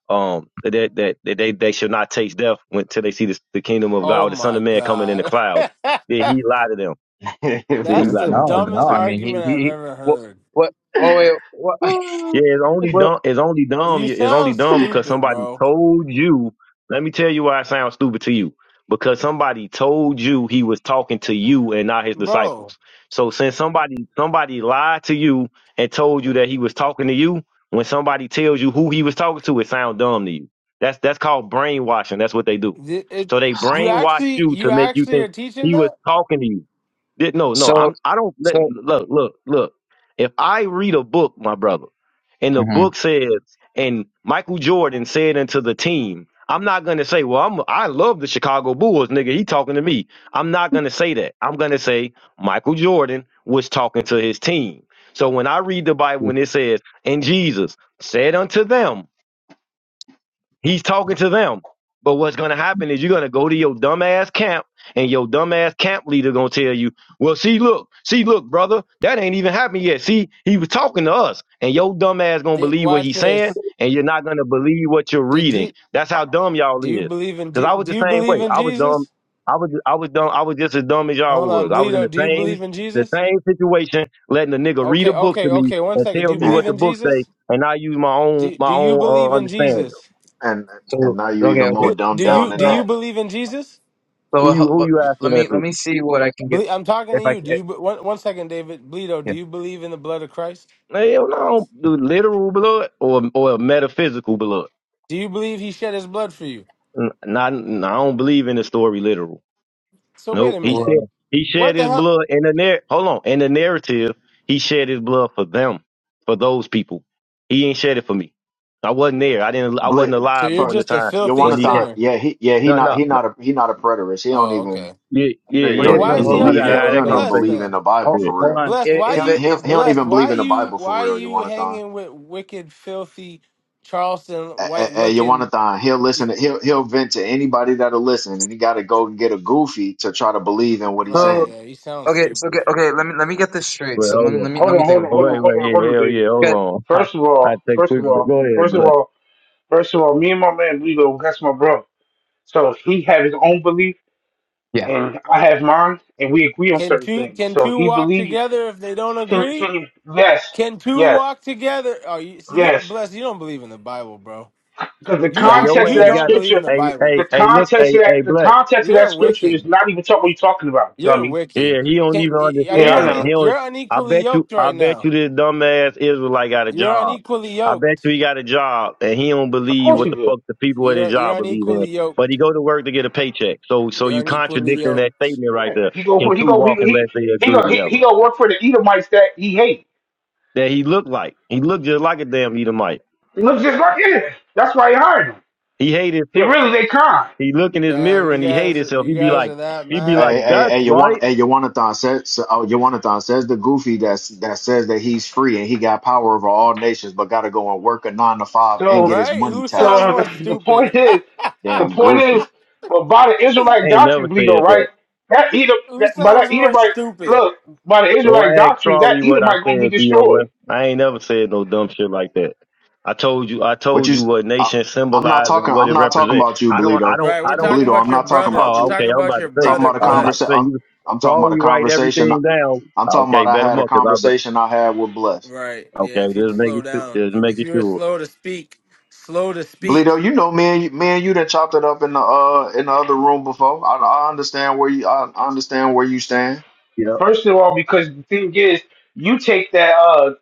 Speaker 2: um, that that, that they they shall not taste death until they see the, the kingdom of God,
Speaker 3: Oh
Speaker 2: or the Son
Speaker 3: my
Speaker 2: of Man coming in the
Speaker 3: God. <laughs>
Speaker 2: cloud. Did he lie to them? Did he
Speaker 3: That's
Speaker 2: lie
Speaker 3: the
Speaker 2: to them?
Speaker 5: No,
Speaker 3: dumbest
Speaker 5: no. I mean, he
Speaker 3: argument
Speaker 5: he.
Speaker 3: I've
Speaker 5: he-
Speaker 3: ever
Speaker 5: What
Speaker 3: heard.
Speaker 5: what? Oh wait. What?
Speaker 2: Yeah, it's only
Speaker 5: Well,
Speaker 2: dumb. It's only dumb.
Speaker 3: You
Speaker 2: yeah, It's only
Speaker 3: sound
Speaker 2: dumb because
Speaker 3: stupid,
Speaker 2: somebody
Speaker 3: bro.
Speaker 2: told you. Let me tell you why it sounds stupid to you. Because somebody told you he was talking to you and not his
Speaker 3: Bro.
Speaker 2: disciples. So since somebody somebody lied to you and told you that he was talking to you, when somebody tells you who he was talking to, it sounds dumb to you. That's that's called brainwashing. That's what they do.
Speaker 3: Did it,
Speaker 2: So they
Speaker 3: you
Speaker 2: brainwash
Speaker 3: actually
Speaker 2: you to
Speaker 3: you
Speaker 2: make you
Speaker 3: actually are
Speaker 2: think
Speaker 3: teaching
Speaker 2: he was
Speaker 3: that?
Speaker 2: talking to you. Did- No, no,
Speaker 5: so,
Speaker 2: I'm. I don't let,
Speaker 5: so,
Speaker 2: look, look, look. If I read a book, my brother. And the book
Speaker 5: Mhm.
Speaker 2: says, and Michael Jordan said unto the team, I'm not gonna say, well, I'm I love the Chicago Bulls, nigga. He talking to me. I'm not gonna say that. I'm gonna say Michael Jordan was talking to his team. So when I read the Bible and it says, and Jesus said unto them, He's talking to them. But what's gonna happen is you're gonna go to your dumbass camp, and your dumbass camp leader gonna tell you, "Well, see, look, see, look, brother, that ain't even happened yet. See, he was talking to us, and your dumbass gonna
Speaker 3: Did,
Speaker 2: believe what
Speaker 3: watch
Speaker 2: he's saying,
Speaker 3: this.
Speaker 2: and you're not gonna believe what you're
Speaker 3: Did
Speaker 2: reading.
Speaker 3: G,
Speaker 2: That's how dumb y'all
Speaker 3: do you
Speaker 2: is.
Speaker 3: believe in
Speaker 2: Cause
Speaker 3: G,
Speaker 2: I was
Speaker 3: do
Speaker 2: the
Speaker 3: you
Speaker 2: same
Speaker 3: believe
Speaker 2: way.
Speaker 3: in
Speaker 2: I was dumb.
Speaker 3: Jesus?
Speaker 2: I was, I was dumb. I was just as dumb as y'all
Speaker 3: Hold on,
Speaker 2: was. I was in
Speaker 3: Bleedo.
Speaker 2: the
Speaker 3: Do you believe
Speaker 2: same,
Speaker 3: in
Speaker 2: the
Speaker 3: Jesus?
Speaker 2: same situation, letting a nigga read
Speaker 3: Okay,
Speaker 2: a book to
Speaker 3: okay,
Speaker 2: me
Speaker 3: okay. One
Speaker 2: and
Speaker 3: second. Do
Speaker 2: tell
Speaker 3: you
Speaker 2: me what
Speaker 3: believe
Speaker 4: <laughs>
Speaker 2: the
Speaker 3: in
Speaker 2: book say,
Speaker 3: Jesus?
Speaker 2: and I use my own,
Speaker 3: Do
Speaker 2: my
Speaker 3: Do you
Speaker 2: own
Speaker 3: believe
Speaker 2: uh,
Speaker 3: in
Speaker 2: understanding.
Speaker 3: Jesus?
Speaker 4: and and
Speaker 5: so,
Speaker 4: now you
Speaker 5: okay,
Speaker 4: even more
Speaker 5: okay.
Speaker 3: Ble-
Speaker 4: dumbed
Speaker 3: Do
Speaker 5: So,
Speaker 4: down
Speaker 3: you
Speaker 4: than
Speaker 3: Do
Speaker 5: so,
Speaker 3: you
Speaker 4: that.
Speaker 3: believe in Jesus?
Speaker 5: so,
Speaker 2: Who you
Speaker 5: what,
Speaker 2: who
Speaker 5: what,
Speaker 2: you asking
Speaker 5: let
Speaker 2: that
Speaker 5: me, let
Speaker 2: to?
Speaker 5: me see what I can get.
Speaker 3: Ble- I'm talking
Speaker 5: If
Speaker 3: to
Speaker 5: I
Speaker 3: you. Do
Speaker 5: can,
Speaker 3: you? be- One One second, David Bleedo.
Speaker 5: yeah.
Speaker 3: Do you believe in the blood of Christ?
Speaker 2: Hell no, I don't do literal blood or or metaphysical blood.
Speaker 3: Do you believe He shed His blood for you?
Speaker 2: N- Not, n- I don't believe in the story literal.
Speaker 3: So wait
Speaker 2: Nope.
Speaker 3: a
Speaker 2: He
Speaker 3: minute.
Speaker 2: said
Speaker 5: Well,
Speaker 2: he
Speaker 3: What
Speaker 2: shed
Speaker 3: the
Speaker 2: his
Speaker 3: hell?
Speaker 2: blood in the narr. Hold on, in the narrative, he shed his blood for them, for those people. He ain't shed it for me. I wasn't there. I didn't. I wasn't
Speaker 4: Blit
Speaker 3: So
Speaker 2: alive
Speaker 3: you're
Speaker 2: during
Speaker 4: for
Speaker 2: the
Speaker 3: just a
Speaker 2: time
Speaker 3: filthy
Speaker 2: when he came.
Speaker 4: Yawanathan,
Speaker 3: sinner.
Speaker 4: yeah, he yeah he
Speaker 2: No,
Speaker 4: not
Speaker 2: no,
Speaker 4: he
Speaker 2: no.
Speaker 4: not a he not a preterist. He don't
Speaker 3: Oh,
Speaker 4: even
Speaker 3: okay.
Speaker 2: Yeah,
Speaker 4: that
Speaker 2: yeah,
Speaker 4: nigga
Speaker 2: yeah,
Speaker 3: So
Speaker 5: wait,
Speaker 4: don't
Speaker 5: but
Speaker 3: why is
Speaker 4: even
Speaker 2: yeah.
Speaker 5: hold
Speaker 3: he
Speaker 2: You
Speaker 3: up
Speaker 5: on,
Speaker 4: believe
Speaker 5: but,
Speaker 2: gotta
Speaker 3: here
Speaker 4: in
Speaker 2: have
Speaker 4: he
Speaker 3: with
Speaker 2: that
Speaker 4: don't
Speaker 5: okay.
Speaker 4: even
Speaker 3: Bless
Speaker 2: conversation.
Speaker 4: believe in
Speaker 3: then?
Speaker 4: the Bible
Speaker 5: Hold,
Speaker 2: Yeah.
Speaker 4: for
Speaker 5: hold
Speaker 4: real.
Speaker 5: on.
Speaker 3: Bless,
Speaker 5: It,
Speaker 3: why
Speaker 4: He
Speaker 5: it, but
Speaker 3: you
Speaker 4: he,
Speaker 5: if,
Speaker 4: he don't
Speaker 3: Bless,
Speaker 4: even
Speaker 3: why
Speaker 4: believe in the
Speaker 3: you
Speaker 4: Bible for
Speaker 3: why
Speaker 4: real.
Speaker 3: you
Speaker 4: Yawanathan,
Speaker 3: hanging with wicked, filthy, Charleston white looking?
Speaker 4: Yawanathan, he'll listen. To, he'll he'll vent to anybody that'll listen, and he got to go and get a goofy to try to believe in what he's
Speaker 3: Right,
Speaker 5: so,
Speaker 4: saying.
Speaker 3: yeah, he sounds
Speaker 5: okay, so, okay,
Speaker 3: stupid.
Speaker 5: okay, let me, let me get this straight.
Speaker 2: Well,
Speaker 5: So, let
Speaker 2: hold
Speaker 5: me,
Speaker 2: on.
Speaker 5: let me,
Speaker 1: Hold
Speaker 5: let me
Speaker 1: on, hold
Speaker 5: think.
Speaker 1: on,
Speaker 2: Oh,
Speaker 1: hold on,
Speaker 2: wait,
Speaker 1: hold
Speaker 2: wait.
Speaker 1: on, hold
Speaker 2: Yeah,
Speaker 1: on,
Speaker 2: hell
Speaker 1: David.
Speaker 2: yeah. Hold
Speaker 5: Good.
Speaker 2: on. <laughs>
Speaker 1: First of
Speaker 2: I, I
Speaker 1: all,
Speaker 2: take
Speaker 1: first
Speaker 2: quick.
Speaker 1: of all,
Speaker 2: Go
Speaker 1: first of
Speaker 2: ahead,
Speaker 1: all, first of all, me and my man Lilo, that's my bro. So he had his own belief
Speaker 5: Yeah.
Speaker 1: and I have mine, and we agree on
Speaker 3: Can
Speaker 1: certain
Speaker 3: two
Speaker 1: things.
Speaker 3: can
Speaker 1: So
Speaker 3: two
Speaker 1: he
Speaker 3: walk
Speaker 1: believed.
Speaker 3: together if they don't
Speaker 1: Can
Speaker 3: agree?
Speaker 1: can you? Yes,
Speaker 3: Can two
Speaker 1: yes,
Speaker 3: walk together? Oh, you, see, you
Speaker 1: yes.
Speaker 3: Bless, you don't believe in the Bible, bro.
Speaker 1: Because the
Speaker 3: You
Speaker 2: Hey,
Speaker 3: I,
Speaker 2: your
Speaker 1: context
Speaker 3: you
Speaker 1: of
Speaker 2: ass
Speaker 1: that
Speaker 2: got
Speaker 3: don't
Speaker 2: it.
Speaker 3: believe in
Speaker 1: scripture,
Speaker 3: the
Speaker 2: Hey,
Speaker 3: Bible.
Speaker 2: hey,
Speaker 1: the
Speaker 2: hey, look,
Speaker 1: context
Speaker 2: hey,
Speaker 1: of that,
Speaker 2: hey,
Speaker 1: the
Speaker 2: black.
Speaker 1: context of that
Speaker 3: You're
Speaker 1: scripture is
Speaker 3: wicked.
Speaker 1: not even talking what you're talking about,
Speaker 3: You're
Speaker 1: dummy.
Speaker 3: wicked.
Speaker 2: Yeah, he don't
Speaker 3: Can
Speaker 2: even
Speaker 3: are
Speaker 1: Yeah,
Speaker 3: you
Speaker 1: I
Speaker 2: understand that.
Speaker 3: une-
Speaker 2: He
Speaker 1: know.
Speaker 2: don't.
Speaker 3: you're
Speaker 2: I
Speaker 3: unequally
Speaker 2: bet you,
Speaker 3: yoked
Speaker 2: I
Speaker 3: right
Speaker 2: bet you
Speaker 3: now?
Speaker 2: this dumbass Israelite got a
Speaker 3: You're
Speaker 2: job.
Speaker 3: unequally
Speaker 2: I bet
Speaker 3: yoked.
Speaker 2: you he got a job and he don't
Speaker 1: Of
Speaker 2: believe
Speaker 1: course
Speaker 2: what
Speaker 1: he
Speaker 2: the
Speaker 1: did.
Speaker 2: fuck the people at his
Speaker 3: You're you're
Speaker 2: job believe in.
Speaker 3: unequally
Speaker 2: But
Speaker 3: yoked.
Speaker 2: he go to work to get a paycheck. So, so
Speaker 3: You're
Speaker 2: you
Speaker 3: unequally
Speaker 2: contradicting that
Speaker 3: yoked.
Speaker 2: statement right
Speaker 1: Yeah.
Speaker 2: there.
Speaker 1: He go.
Speaker 2: Can
Speaker 1: He
Speaker 2: two
Speaker 1: go. He
Speaker 2: walk
Speaker 1: he
Speaker 2: unless they
Speaker 1: he
Speaker 2: agree
Speaker 1: go. He,
Speaker 2: together?
Speaker 1: he go work for the Edomites that he hate.
Speaker 2: That he looked like. He looked just like a damn Edomite.
Speaker 1: He looks just like yeah. That's why he hired him.
Speaker 2: He hate
Speaker 1: He
Speaker 2: himself.
Speaker 1: really they kind.
Speaker 2: He look in his
Speaker 3: Damn,
Speaker 2: mirror and
Speaker 3: you
Speaker 2: he hate
Speaker 3: guys,
Speaker 2: himself.
Speaker 3: you
Speaker 2: He be
Speaker 3: guys
Speaker 2: like,
Speaker 3: are that
Speaker 2: he be
Speaker 3: mad,
Speaker 2: like,
Speaker 4: Hey, hey,
Speaker 2: that's
Speaker 4: hey, you want,
Speaker 2: right.
Speaker 4: hey, Yawanathon says, so, oh, Yawanathon says the goofy that's, that says that he's free and he got power over all nations, but got to go and work a nine to five and get
Speaker 1: So,
Speaker 4: his
Speaker 3: right?
Speaker 4: money
Speaker 3: Who sounds
Speaker 4: taxed.
Speaker 1: so
Speaker 3: more
Speaker 1: <laughs> the
Speaker 3: stupid?
Speaker 1: point is,
Speaker 3: <laughs>
Speaker 1: the
Speaker 4: Damn
Speaker 1: point is,
Speaker 4: goofy.
Speaker 1: well, by the
Speaker 2: I
Speaker 1: Israelite
Speaker 2: ain't never
Speaker 1: doctrine, Bleedo,
Speaker 2: said that.
Speaker 1: right? That Edom,
Speaker 3: Who
Speaker 1: that, by
Speaker 3: sounds
Speaker 1: that
Speaker 3: more
Speaker 1: Edomite,
Speaker 3: stupid?
Speaker 1: look, by the
Speaker 2: Go
Speaker 1: Israelite
Speaker 2: ask
Speaker 1: doctrine, that
Speaker 2: Charlie what I
Speaker 1: Edomite gonna be
Speaker 2: said, BOS.
Speaker 1: destroyed.
Speaker 2: I ain't never said no dumb shit like that. I told you I
Speaker 4: What
Speaker 2: told
Speaker 4: you,
Speaker 2: you
Speaker 4: s-
Speaker 2: what
Speaker 4: I,
Speaker 2: nation
Speaker 4: am not
Speaker 2: symbolizes and
Speaker 4: talking,
Speaker 2: what it
Speaker 4: I'm not talking
Speaker 2: represents.
Speaker 4: about you,
Speaker 2: I don't I
Speaker 4: Bleedo.
Speaker 2: don't
Speaker 3: Right, we're
Speaker 2: I don't
Speaker 3: talking
Speaker 4: Bleedo, I'm
Speaker 3: about your
Speaker 4: not talking
Speaker 3: brother.
Speaker 4: about
Speaker 3: We're
Speaker 2: oh
Speaker 4: you.
Speaker 3: talking
Speaker 2: okay, I'm
Speaker 3: about
Speaker 2: about
Speaker 3: your
Speaker 2: to say
Speaker 4: talking
Speaker 3: brother,
Speaker 4: about a
Speaker 2: <laughs> I'm about to
Speaker 4: conversation.
Speaker 3: bless.
Speaker 2: say
Speaker 4: I'm,
Speaker 2: you
Speaker 4: I'm talking about a
Speaker 2: Charlie write
Speaker 4: conversation.
Speaker 2: everything down.
Speaker 4: I'm talking about
Speaker 2: Okay,
Speaker 4: I
Speaker 2: better
Speaker 4: had a
Speaker 2: up because I bet
Speaker 4: conversation I had with Bless.
Speaker 3: Right, yeah.
Speaker 2: okay,
Speaker 3: If you'd
Speaker 2: just make
Speaker 3: slow
Speaker 2: it
Speaker 3: down,
Speaker 2: just make
Speaker 3: if
Speaker 2: it
Speaker 3: you were
Speaker 2: sure.
Speaker 3: slow to speak, slow to speak.
Speaker 4: Bleedo, you know, man, you, man, you done chopped it up in the, uh, in the other room before. I, I understand where you, I, I understand where you stand.
Speaker 2: Yep,
Speaker 1: First of all, because the thing is, you take that. Uh,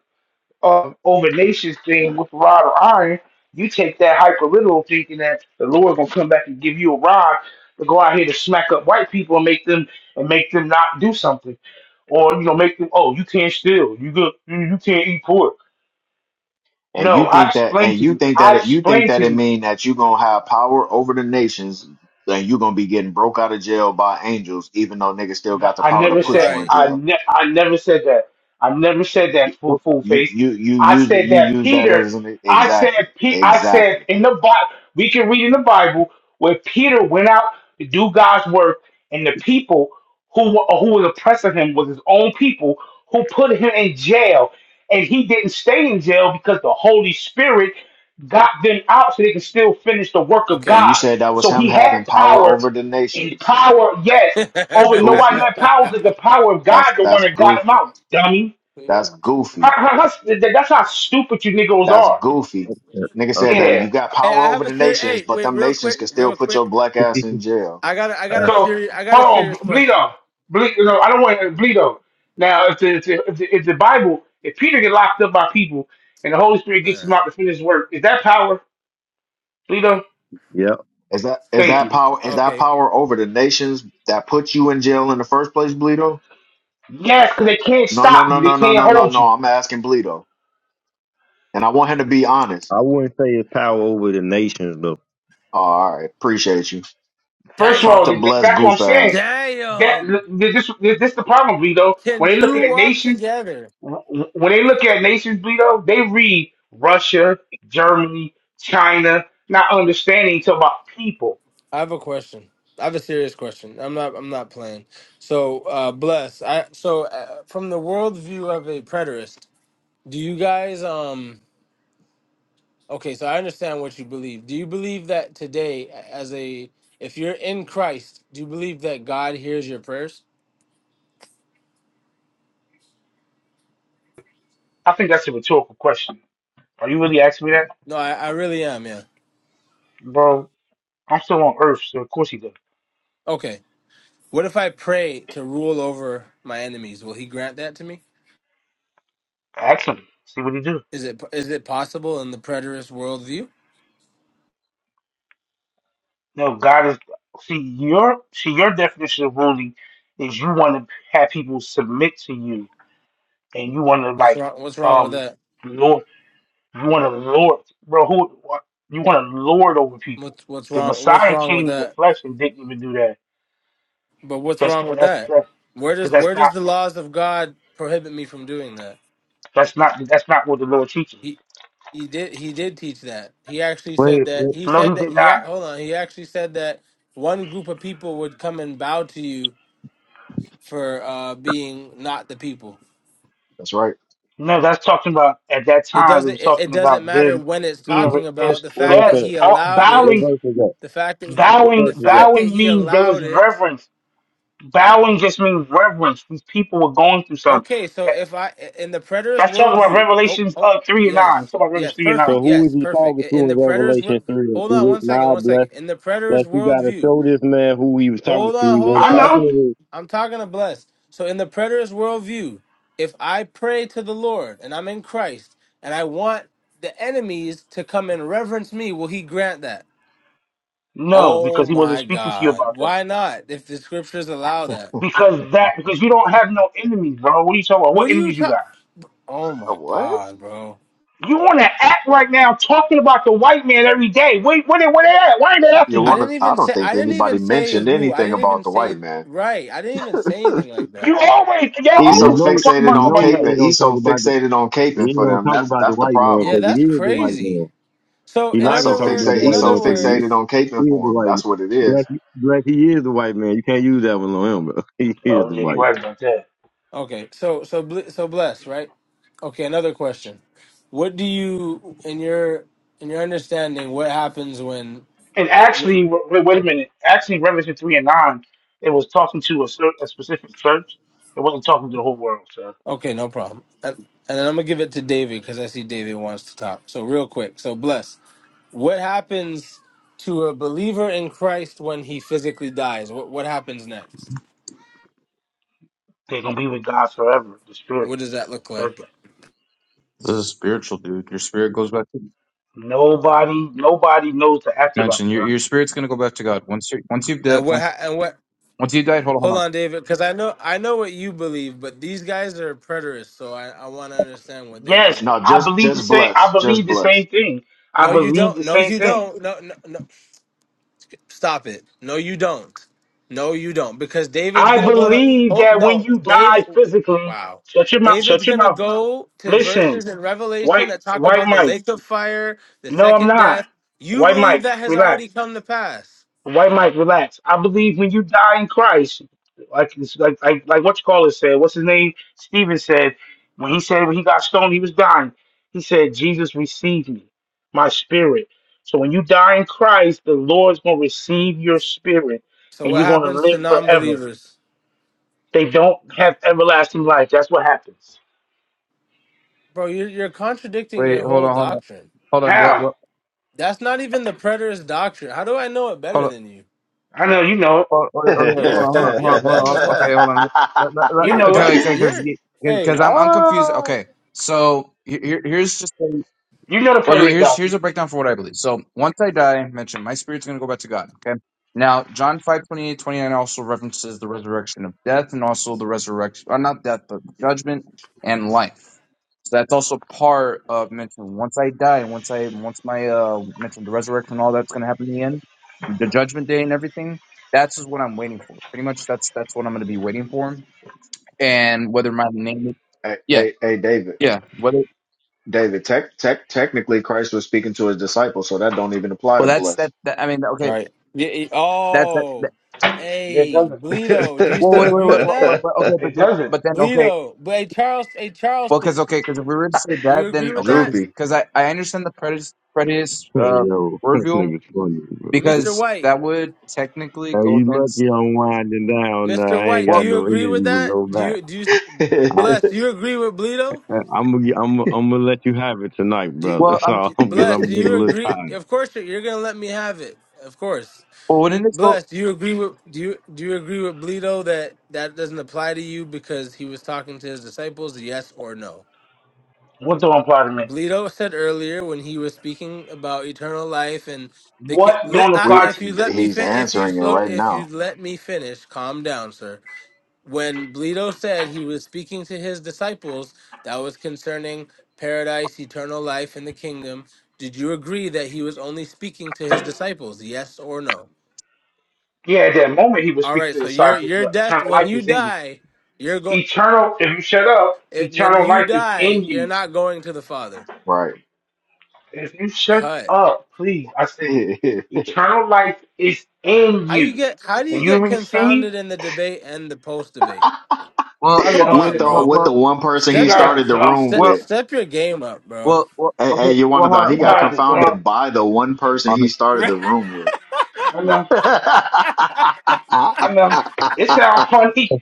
Speaker 1: um, overnacious thing with a rod of iron, you take that hyperliteral thinking that the Lord gonna come back and give you a rod to go out here to smack up white people and make them and make them not do something, or you know make them oh you can't steal, you go you you can't eat pork.
Speaker 4: And
Speaker 1: No,
Speaker 4: you
Speaker 1: I
Speaker 4: think that,
Speaker 1: explained
Speaker 4: and
Speaker 1: to
Speaker 4: you
Speaker 1: you.
Speaker 4: think that
Speaker 1: I
Speaker 4: it, you think
Speaker 1: explained to
Speaker 4: that it
Speaker 1: you.
Speaker 4: mean that you gonna have power over the nations, and you gonna be getting broke out of jail by angels, even though niggas still
Speaker 1: But
Speaker 4: got the
Speaker 1: I
Speaker 4: power to
Speaker 1: never
Speaker 4: put
Speaker 1: said
Speaker 4: you in
Speaker 3: Right.
Speaker 1: I
Speaker 4: jail.
Speaker 1: ne- I never said that. I never said that
Speaker 4: You,
Speaker 1: full
Speaker 5: Well,
Speaker 1: full
Speaker 4: you,
Speaker 1: face.
Speaker 4: you, you
Speaker 1: I
Speaker 4: use it.
Speaker 1: said
Speaker 4: You
Speaker 1: that
Speaker 4: use that
Speaker 1: Peter.
Speaker 4: as an
Speaker 1: I said
Speaker 4: exactly,
Speaker 1: Pe- I said
Speaker 4: exactly.
Speaker 1: in the Bible we can read in the Bible where Peter went out to do God's work, and the people who were, who was oppressing him was his own people who put him in jail, and he didn't stay in jail because the Holy Spirit got them out so they could still finish the work of
Speaker 4: And
Speaker 3: Okay.
Speaker 4: you
Speaker 1: God.
Speaker 4: said that was
Speaker 1: So
Speaker 4: him
Speaker 1: he had
Speaker 4: having power
Speaker 1: power
Speaker 4: over the
Speaker 1: and
Speaker 4: nations.
Speaker 1: power,
Speaker 3: <laughs>
Speaker 1: yes.
Speaker 3: hey,
Speaker 1: Oh, you know why he
Speaker 4: Goofy.
Speaker 1: had power?
Speaker 3: I
Speaker 1: Because the power of God,
Speaker 4: That's
Speaker 1: the one
Speaker 4: that's
Speaker 1: that got him
Speaker 4: goofy.
Speaker 1: out, dummy.
Speaker 4: That's
Speaker 1: How-
Speaker 4: goofy.
Speaker 1: how- how- that- that's how stupid you niggas
Speaker 4: That's
Speaker 1: are.
Speaker 4: goofy. Nigga said
Speaker 5: Okay.
Speaker 4: that
Speaker 1: Yeah.
Speaker 4: you got power over
Speaker 3: have a
Speaker 4: the
Speaker 3: serious.
Speaker 4: nations,
Speaker 3: Hey,
Speaker 4: but
Speaker 3: wait,
Speaker 4: them
Speaker 3: real
Speaker 4: nations
Speaker 3: quick,
Speaker 4: can still
Speaker 3: real
Speaker 4: put your
Speaker 3: quick.
Speaker 4: black ass in
Speaker 5: <laughs>
Speaker 4: jail.
Speaker 3: I got, a, I got a
Speaker 5: Uh,
Speaker 1: So,
Speaker 3: serious, I got a
Speaker 1: hold on,
Speaker 3: serious question.
Speaker 1: Bleedo. Ble- no, I don't want to Bleedo. Now, if the, if, the, if, the, if the Bible, if Peter get locked up by people and the Holy Spirit gets
Speaker 3: Man.
Speaker 1: him out to finish his work, is that power, Bleedo?
Speaker 2: yep.
Speaker 4: Is that is
Speaker 1: Thank
Speaker 4: that
Speaker 1: you.
Speaker 4: power is that
Speaker 3: Okay.
Speaker 4: power over the nations that put you in jail in the first place, Bleedo?
Speaker 1: Yes, because they can't
Speaker 4: No,
Speaker 1: stop
Speaker 4: no, no,
Speaker 1: you. They
Speaker 4: no, no,
Speaker 1: can't
Speaker 4: no, no,
Speaker 1: hold
Speaker 4: no.
Speaker 1: you.
Speaker 4: I'm asking Bleedo. And I want him to be honest.
Speaker 2: I wouldn't say it's power over the nations though.
Speaker 4: Oh, all right, appreciate you.
Speaker 1: First of
Speaker 4: Talk
Speaker 1: all,
Speaker 4: to
Speaker 3: Damn.
Speaker 1: th-
Speaker 4: Bless
Speaker 1: that's what I'm
Speaker 4: Goof
Speaker 1: saying
Speaker 4: ass.
Speaker 1: that
Speaker 3: Damn.
Speaker 1: th- this this, this the problem, Vito.
Speaker 3: Can
Speaker 1: When they're
Speaker 3: two
Speaker 1: looking at
Speaker 3: walk
Speaker 1: nations,
Speaker 3: together?
Speaker 1: When they look at nations, Bleedo, they read Russia, Germany, China, not understanding until about people.
Speaker 3: I have a question. I have a serious question. I'm not. I'm not playing. So, uh, bless. I so uh, from the worldview of a preterist, do you guys? Um. Okay. So I understand what you believe. Do you believe that today, as a, if you're in Christ, do you believe that God hears your prayers?
Speaker 1: I think that's a rhetorical question. Are you really asking me that?
Speaker 3: No, I, I really am. Yeah.
Speaker 1: Bro, I'm still on Earth, so of course he does.
Speaker 3: Okay. What if I pray to rule over my enemies? Will He grant that to me?
Speaker 1: Ask him. See what he do.
Speaker 3: Is it is it possible in the preterist worldview?
Speaker 1: No, God is see your see your definition of ruling is you want to have people submit to you and you want to
Speaker 3: What's
Speaker 1: like
Speaker 3: wrong? What's wrong with
Speaker 1: um
Speaker 3: that?
Speaker 1: You want to lord, bro? Who you want to lord over people?
Speaker 3: What's what's
Speaker 1: The
Speaker 3: wrong? What's
Speaker 1: Messiah
Speaker 3: wrong with
Speaker 1: came in the
Speaker 3: that?
Speaker 1: flesh and didn't even do that.
Speaker 3: But what's
Speaker 1: That's
Speaker 3: wrong with
Speaker 1: that's
Speaker 3: that?
Speaker 1: that's
Speaker 3: Where
Speaker 1: because
Speaker 3: does
Speaker 1: that's
Speaker 3: where does
Speaker 1: not
Speaker 3: the laws of God prohibit me from doing that?
Speaker 1: that's not that's not what the Lord teaches.
Speaker 3: He he did he did teach that. He actually said
Speaker 5: wait,
Speaker 3: that.
Speaker 5: wait.
Speaker 3: He
Speaker 1: No,
Speaker 3: said
Speaker 1: he
Speaker 3: that
Speaker 1: did
Speaker 3: he ac-
Speaker 1: not.
Speaker 3: hold on. He actually said that one group of people would come and bow to you for uh, being not the people.
Speaker 4: That's right.
Speaker 1: No, that's talking about at that
Speaker 3: it
Speaker 1: time. It
Speaker 3: doesn't
Speaker 1: was
Speaker 3: it, it
Speaker 1: talking
Speaker 3: doesn't
Speaker 1: about
Speaker 3: matter
Speaker 1: then
Speaker 3: when it's
Speaker 1: being re-
Speaker 3: talking about
Speaker 1: is
Speaker 3: the
Speaker 2: What
Speaker 3: fact
Speaker 2: else
Speaker 3: that
Speaker 1: yes,
Speaker 2: that?
Speaker 3: he
Speaker 1: all,
Speaker 3: allowed
Speaker 2: What
Speaker 1: bowing,
Speaker 3: it
Speaker 2: verse is that?
Speaker 3: the fact that he
Speaker 2: What
Speaker 3: the
Speaker 2: verse
Speaker 1: bowing,
Speaker 2: is that?
Speaker 3: fact that
Speaker 1: bowing
Speaker 3: he
Speaker 1: means there was
Speaker 3: allowed it
Speaker 1: reverence. Bowing just means reverence. These people were going through something.
Speaker 3: okay so
Speaker 1: That-
Speaker 3: if i in the predator's
Speaker 1: That's talking about
Speaker 3: worldview oh
Speaker 1: Revelations
Speaker 3: oh
Speaker 1: uh, three and nine. It's
Speaker 3: yes
Speaker 1: talking about
Speaker 3: yes
Speaker 1: Revelations three and
Speaker 2: So
Speaker 3: perfect
Speaker 1: nine.
Speaker 2: who is
Speaker 3: yes
Speaker 2: he
Speaker 3: perfect
Speaker 2: talking
Speaker 3: in
Speaker 2: to
Speaker 3: in the
Speaker 2: in
Speaker 3: predator's wo-
Speaker 2: Revelation three? If
Speaker 3: hold
Speaker 2: he
Speaker 3: on
Speaker 2: did
Speaker 3: one second
Speaker 2: not
Speaker 3: one
Speaker 2: bless
Speaker 3: second in the predator's
Speaker 2: Like you gotta
Speaker 3: worldview
Speaker 2: show this man who he was talking
Speaker 3: hold
Speaker 2: to.
Speaker 3: on
Speaker 2: He
Speaker 3: hold
Speaker 2: wasn't
Speaker 1: I
Speaker 2: talking
Speaker 1: know.
Speaker 3: on
Speaker 2: to him.
Speaker 3: i'm talking to bless so in the predator's worldview if i pray to the lord and i'm in christ and i want the enemies to come and reverence me will he grant that
Speaker 1: No,
Speaker 3: Oh
Speaker 1: because he wasn't
Speaker 3: my
Speaker 1: speaking to you
Speaker 3: God.
Speaker 1: about that.
Speaker 3: Why not? If the scriptures allow that.
Speaker 1: Because that because you don't have no enemies, bro. What are you talking about?
Speaker 3: What
Speaker 1: What
Speaker 3: are you
Speaker 1: enemies you
Speaker 3: talking?
Speaker 1: got?
Speaker 3: Oh
Speaker 4: Uh,
Speaker 3: my
Speaker 4: what?
Speaker 3: God, bro.
Speaker 1: You want to act right now talking about the white man every day. Wait, where they, where they at? Why ain't they after
Speaker 4: You
Speaker 3: I
Speaker 1: you?
Speaker 4: wanna
Speaker 3: didn't
Speaker 4: I
Speaker 3: even
Speaker 4: don't
Speaker 3: say, I
Speaker 4: think
Speaker 3: didn't
Speaker 4: anybody
Speaker 3: even say
Speaker 4: mentioned
Speaker 3: who. I
Speaker 4: anything
Speaker 3: didn't even
Speaker 4: about the white
Speaker 3: say,
Speaker 4: man.
Speaker 3: right. I didn't even say anything like that.
Speaker 1: You always y'all
Speaker 4: He's
Speaker 2: And
Speaker 4: so
Speaker 2: You
Speaker 1: always
Speaker 2: know,
Speaker 1: talking
Speaker 4: fixated
Speaker 1: about
Speaker 2: you
Speaker 1: the
Speaker 4: on
Speaker 2: know
Speaker 1: white man.
Speaker 2: he
Speaker 4: caping.
Speaker 2: ain't gonna
Speaker 4: He's
Speaker 2: talk
Speaker 4: so
Speaker 2: about the
Speaker 4: fixated on
Speaker 2: he
Speaker 4: caping
Speaker 2: ain't
Speaker 4: for
Speaker 2: gonna
Speaker 4: them.
Speaker 2: talk
Speaker 4: That's
Speaker 2: about the
Speaker 4: that's the
Speaker 2: white man
Speaker 3: Yeah,
Speaker 4: problem.
Speaker 2: because he
Speaker 3: that's
Speaker 2: is the white
Speaker 3: crazy.
Speaker 2: man.
Speaker 3: So
Speaker 2: He
Speaker 3: in
Speaker 4: That's
Speaker 2: not gonna
Speaker 4: so
Speaker 3: other
Speaker 2: talk
Speaker 3: words,
Speaker 2: about
Speaker 4: fixated.
Speaker 2: the
Speaker 3: in
Speaker 4: He's
Speaker 2: white
Speaker 4: so
Speaker 3: other
Speaker 2: man because he, is-
Speaker 4: fixated
Speaker 3: words,
Speaker 4: on
Speaker 2: he
Speaker 4: caping
Speaker 2: is the
Speaker 4: for him.
Speaker 2: white man.
Speaker 4: That's what it
Speaker 2: Black,
Speaker 4: is.
Speaker 2: black, he is the white man. You can't use that one on him, bro. <laughs> He is
Speaker 1: Oh
Speaker 2: the
Speaker 1: yeah, you
Speaker 2: white.
Speaker 1: right about that.
Speaker 3: okay. So, so, bl- so bless, right? Okay. Another question. What do you, in your, in your understanding, what happens when?
Speaker 1: And actually, wait, wait a minute. Actually, Revelation three and nine, it was talking to a, cer- a specific church. It wasn't talking to the whole world. So
Speaker 3: Okay, no problem. And, and then I'm gonna give it to David because I see David wants to talk. So real quick. So bless. What happens to a believer in Christ when he physically dies? What what happens next?
Speaker 1: they're gonna be with God forever. The Spirit
Speaker 3: What does that look
Speaker 1: says
Speaker 3: like?
Speaker 1: that.
Speaker 5: This is spiritual, dude. Your spirit goes back to
Speaker 1: Nobody, nobody knows the afterlife,
Speaker 5: mention. Your
Speaker 1: bro.
Speaker 5: your spirit's gonna go back to God once you once you've died.
Speaker 3: And what
Speaker 5: Once,
Speaker 3: ha- and what?
Speaker 5: once you died, hold on, hold on.
Speaker 3: Hold on, David, because I know I know what you believe, but these guys are preterists, so I I want to understand what they
Speaker 1: Yes,
Speaker 3: believe.
Speaker 4: No,
Speaker 1: I
Speaker 4: just
Speaker 1: believe the
Speaker 4: just
Speaker 1: same. I
Speaker 4: bless. Just
Speaker 1: believe the
Speaker 4: bless.
Speaker 1: same thing. I
Speaker 3: No, you
Speaker 1: believe
Speaker 3: don't.
Speaker 1: the
Speaker 3: No,
Speaker 1: same
Speaker 3: you
Speaker 1: thing.
Speaker 3: don't. No, no, no. Stop it. No, you don't. No, you don't. Because David's
Speaker 1: I
Speaker 3: gonna go to.
Speaker 1: believe
Speaker 3: Oh
Speaker 1: that when
Speaker 3: no,
Speaker 1: you die
Speaker 3: David.
Speaker 1: physically,
Speaker 3: Wow.
Speaker 1: shut your mouth.
Speaker 3: David's
Speaker 1: Shut your
Speaker 3: gonna
Speaker 1: mouth.
Speaker 3: go to
Speaker 1: Listen,
Speaker 3: verses in
Speaker 1: white,
Speaker 3: Revelation that talk
Speaker 1: white
Speaker 3: about the
Speaker 1: Mike.
Speaker 3: lake of fire, the
Speaker 1: No, I'm
Speaker 3: second
Speaker 1: not.
Speaker 3: death. You
Speaker 1: White
Speaker 3: believe
Speaker 1: Mike,
Speaker 3: that has
Speaker 1: relax.
Speaker 3: already come to pass.
Speaker 1: White Mike, relax. I believe when you die in Christ, like it's- like like, like what you call it said, what's his name? Stephen said when he said when he got stoned, he was dying. He said, Jesus receive me, my spirit. So when you die in Christ, the Lord's gonna receive your spirit
Speaker 3: So
Speaker 1: and
Speaker 3: what
Speaker 1: you're gonna
Speaker 3: happens to
Speaker 1: live forever.
Speaker 3: non-believers,
Speaker 1: They don't have everlasting life. That's what happens.
Speaker 3: bro? You're, you're contradicting your
Speaker 5: Wait, hold
Speaker 3: whole
Speaker 5: on, hold on,
Speaker 3: doctrine.
Speaker 5: hold on, bl-
Speaker 1: How?
Speaker 5: bl-
Speaker 3: That's not even the preterist doctrine. How do I know it
Speaker 5: hold
Speaker 3: better
Speaker 5: on.
Speaker 3: than you?
Speaker 1: I know you know it.
Speaker 5: Oh,
Speaker 4: <laughs>
Speaker 5: okay,
Speaker 3: You're
Speaker 5: hold on, hold on,
Speaker 3: stupid.
Speaker 5: hold
Speaker 3: You're
Speaker 5: on, hold
Speaker 3: dumb
Speaker 5: on.
Speaker 3: as
Speaker 5: hold- Okay,
Speaker 3: hell.
Speaker 5: hold on. Let- let- let-
Speaker 1: You
Speaker 3: You're
Speaker 1: know it.
Speaker 5: Okay,
Speaker 3: dumb.
Speaker 5: okay, because
Speaker 3: You're hey.
Speaker 5: because I'm I'm confused.
Speaker 4: Ah.
Speaker 5: Okay, so here, here- here's just
Speaker 1: You know the
Speaker 5: Well,
Speaker 1: preterist
Speaker 5: here's here's
Speaker 1: doctrine.
Speaker 5: a breakdown for what I believe. So once I die, I mentioned my spirit's going to go back to God. Okay. Now John 5 28 29 also references the resurrection of death and also the resurrection, or not death, but judgment and life. So that's also part of mentioning once I die, once I once my uh mentioned the resurrection and all that's going to happen in the end, the judgment day and everything. That's just what I'm waiting for. Pretty much that's that's what I'm going to be waiting for, and whether my name,
Speaker 4: hey,
Speaker 5: yeah,
Speaker 4: hey, hey, David.
Speaker 5: yeah, whether
Speaker 4: David, tech, tech, technically Christ was speaking to his disciples, so that don't even apply
Speaker 5: well
Speaker 4: to
Speaker 5: that's
Speaker 4: bless.
Speaker 5: that, that I mean okay.
Speaker 3: Right. Yeah. it-
Speaker 5: That's that.
Speaker 3: oh.
Speaker 1: It
Speaker 3: Hey,
Speaker 1: doesn't.
Speaker 3: Bleedo, do you
Speaker 5: Well,
Speaker 3: still
Speaker 5: wait, wait,
Speaker 3: agree
Speaker 5: wait,
Speaker 3: with
Speaker 5: well, but,
Speaker 3: that?
Speaker 4: <laughs>
Speaker 5: but okay, but
Speaker 1: It
Speaker 5: then,
Speaker 1: doesn't.
Speaker 5: but then, okay,
Speaker 3: Bleedo, but hey, Charles, hey,
Speaker 5: well, because
Speaker 3: Charleston,
Speaker 5: okay, because if we were to say
Speaker 3: do
Speaker 5: that,
Speaker 3: you agree
Speaker 5: then
Speaker 3: with
Speaker 5: okay,
Speaker 3: that?
Speaker 5: because
Speaker 4: Droopy.
Speaker 5: because I I understand the prejudice prejudice
Speaker 2: Man. Hey,
Speaker 5: uh
Speaker 2: Yo, <laughs> this
Speaker 5: worldview
Speaker 2: nigga's funny, bro.
Speaker 3: Mr.
Speaker 5: because
Speaker 3: White,
Speaker 5: that would technically
Speaker 2: Hey,
Speaker 5: go
Speaker 2: you
Speaker 5: against
Speaker 2: lucky I'm winding down. Now.
Speaker 3: Mr.
Speaker 2: I ain't
Speaker 3: White, do
Speaker 5: well
Speaker 2: got
Speaker 3: you
Speaker 2: no
Speaker 3: agree
Speaker 2: energy
Speaker 3: with
Speaker 2: to
Speaker 3: that?
Speaker 2: go
Speaker 3: Do
Speaker 2: back.
Speaker 3: you, do you,
Speaker 2: I,
Speaker 3: bless, do you agree with Bleedo?
Speaker 2: I, I'm gonna, I'm, I'm gonna let you have it tonight,
Speaker 3: Do,
Speaker 2: brother. <laughs>
Speaker 5: well
Speaker 2: That's
Speaker 5: um
Speaker 2: all,
Speaker 3: do
Speaker 2: because
Speaker 3: bless,
Speaker 2: I'm
Speaker 3: do
Speaker 2: getting
Speaker 3: you
Speaker 2: a little
Speaker 3: agree?
Speaker 2: tired.
Speaker 3: Of course, you're, you're gonna let me have it. Of course.
Speaker 5: well wouldn't it go
Speaker 3: Bless, do you agree with, do you, do you agree with Bleedo that that doesn't apply to you because he was talking to his disciples? Yes or no?
Speaker 1: What don't apply to me?
Speaker 3: Bleedo said earlier when he was speaking about eternal life and the ki-
Speaker 1: What
Speaker 3: let,
Speaker 1: don't
Speaker 4: <laughs>
Speaker 3: I,
Speaker 4: we
Speaker 1: apply
Speaker 3: if
Speaker 1: to
Speaker 3: you
Speaker 1: me?
Speaker 3: let me
Speaker 4: he's
Speaker 3: fi- if you
Speaker 4: answering it
Speaker 3: slow
Speaker 4: right
Speaker 3: if you
Speaker 4: now.
Speaker 3: let me finish, calm down, sir. When Bleedo said he was speaking to his disciples, that was concerning paradise, eternal life, and the kingdom. Did you agree that he was only speaking to his disciples? Yes or no?
Speaker 1: Yeah, at that moment he was
Speaker 3: All
Speaker 1: speaking
Speaker 3: right.
Speaker 1: to the
Speaker 3: So your
Speaker 1: disciples,
Speaker 3: your
Speaker 1: but
Speaker 3: death
Speaker 1: eternal
Speaker 3: when
Speaker 1: life
Speaker 3: you
Speaker 1: is in you.
Speaker 3: die, you're going.
Speaker 1: Eternal, if you shut up,
Speaker 3: When
Speaker 1: eternal
Speaker 3: you
Speaker 1: life is in
Speaker 3: die, you're
Speaker 1: you.
Speaker 3: not going to the Father.
Speaker 4: Right.
Speaker 1: If you shut
Speaker 3: Cut.
Speaker 1: up, please, I
Speaker 4: <laughs>
Speaker 1: said,
Speaker 4: with
Speaker 1: eternal life is in
Speaker 3: How you
Speaker 1: you.
Speaker 3: get how do you
Speaker 1: When you
Speaker 3: get
Speaker 1: receive,
Speaker 3: confounded in the debate and the post debate?
Speaker 5: well
Speaker 1: I
Speaker 3: Come
Speaker 5: well
Speaker 1: know,
Speaker 5: okay
Speaker 3: on,
Speaker 4: the
Speaker 5: well
Speaker 3: bro.
Speaker 4: with
Speaker 5: well
Speaker 4: the one person
Speaker 1: you
Speaker 4: he
Speaker 3: Step your
Speaker 1: guys are
Speaker 4: started the
Speaker 1: dumb.
Speaker 4: room
Speaker 3: step,
Speaker 5: well
Speaker 4: with.
Speaker 3: step your game up, bro.
Speaker 5: well, well
Speaker 4: Hey,
Speaker 5: okay
Speaker 4: hey, you want
Speaker 5: well
Speaker 4: to
Speaker 5: hold
Speaker 4: thought
Speaker 5: on
Speaker 4: he
Speaker 1: You
Speaker 5: hold
Speaker 4: got
Speaker 1: guys
Speaker 5: on
Speaker 1: are
Speaker 5: well,
Speaker 1: dumb.
Speaker 4: confounded by the one person he
Speaker 5: honest. <laughs>
Speaker 3: <laughs>
Speaker 4: started
Speaker 3: oh
Speaker 4: the room with.
Speaker 1: I know,
Speaker 4: <laughs> oh
Speaker 1: I know. It sounds funny.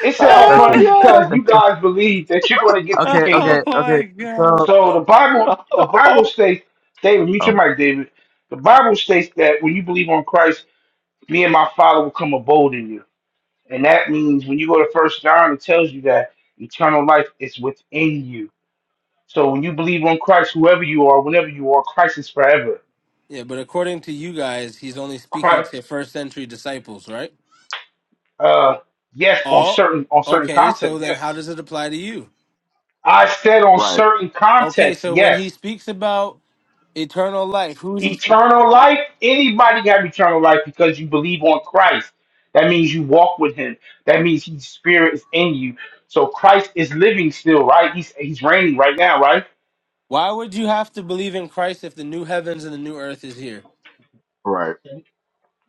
Speaker 1: It sounds
Speaker 5: okay
Speaker 1: funny because
Speaker 5: <laughs>
Speaker 1: you guys believe that you're going to get this
Speaker 5: okay
Speaker 1: kingdom.
Speaker 5: okay okay
Speaker 3: my god.
Speaker 5: so
Speaker 1: So the Bible,
Speaker 4: God!
Speaker 1: the Bible
Speaker 4: <laughs>
Speaker 1: states, David, mute your
Speaker 5: um
Speaker 1: mic, David. The Bible states that when you believe on Christ, me and my father will come abode in you. And that means when you go to first John, it tells you that eternal life is within you. So when you believe on Christ, whoever you are, whenever you are, Christ is forever.
Speaker 3: Yeah, but according to you guys, he's only speaking
Speaker 1: Christ,
Speaker 3: to first century disciples, right?
Speaker 1: uh, yes, on
Speaker 3: Oh,
Speaker 1: certain on certain
Speaker 3: okay. So
Speaker 1: context,
Speaker 3: then, how
Speaker 1: yes.
Speaker 3: does it apply to you?
Speaker 1: I said on
Speaker 4: right,
Speaker 1: certain
Speaker 3: Okay,
Speaker 1: context,
Speaker 3: so when he
Speaker 1: yes.
Speaker 3: speaks about eternal life, who's
Speaker 1: Eternal life, anybody can have eternal life because you believe on Christ. That means you walk with him. That means his spirit is in you. So Christ is living still, right? He's he's reigning right now, right?
Speaker 3: why would you have to believe in Christ if the new heavens and the new earth is here?
Speaker 4: right.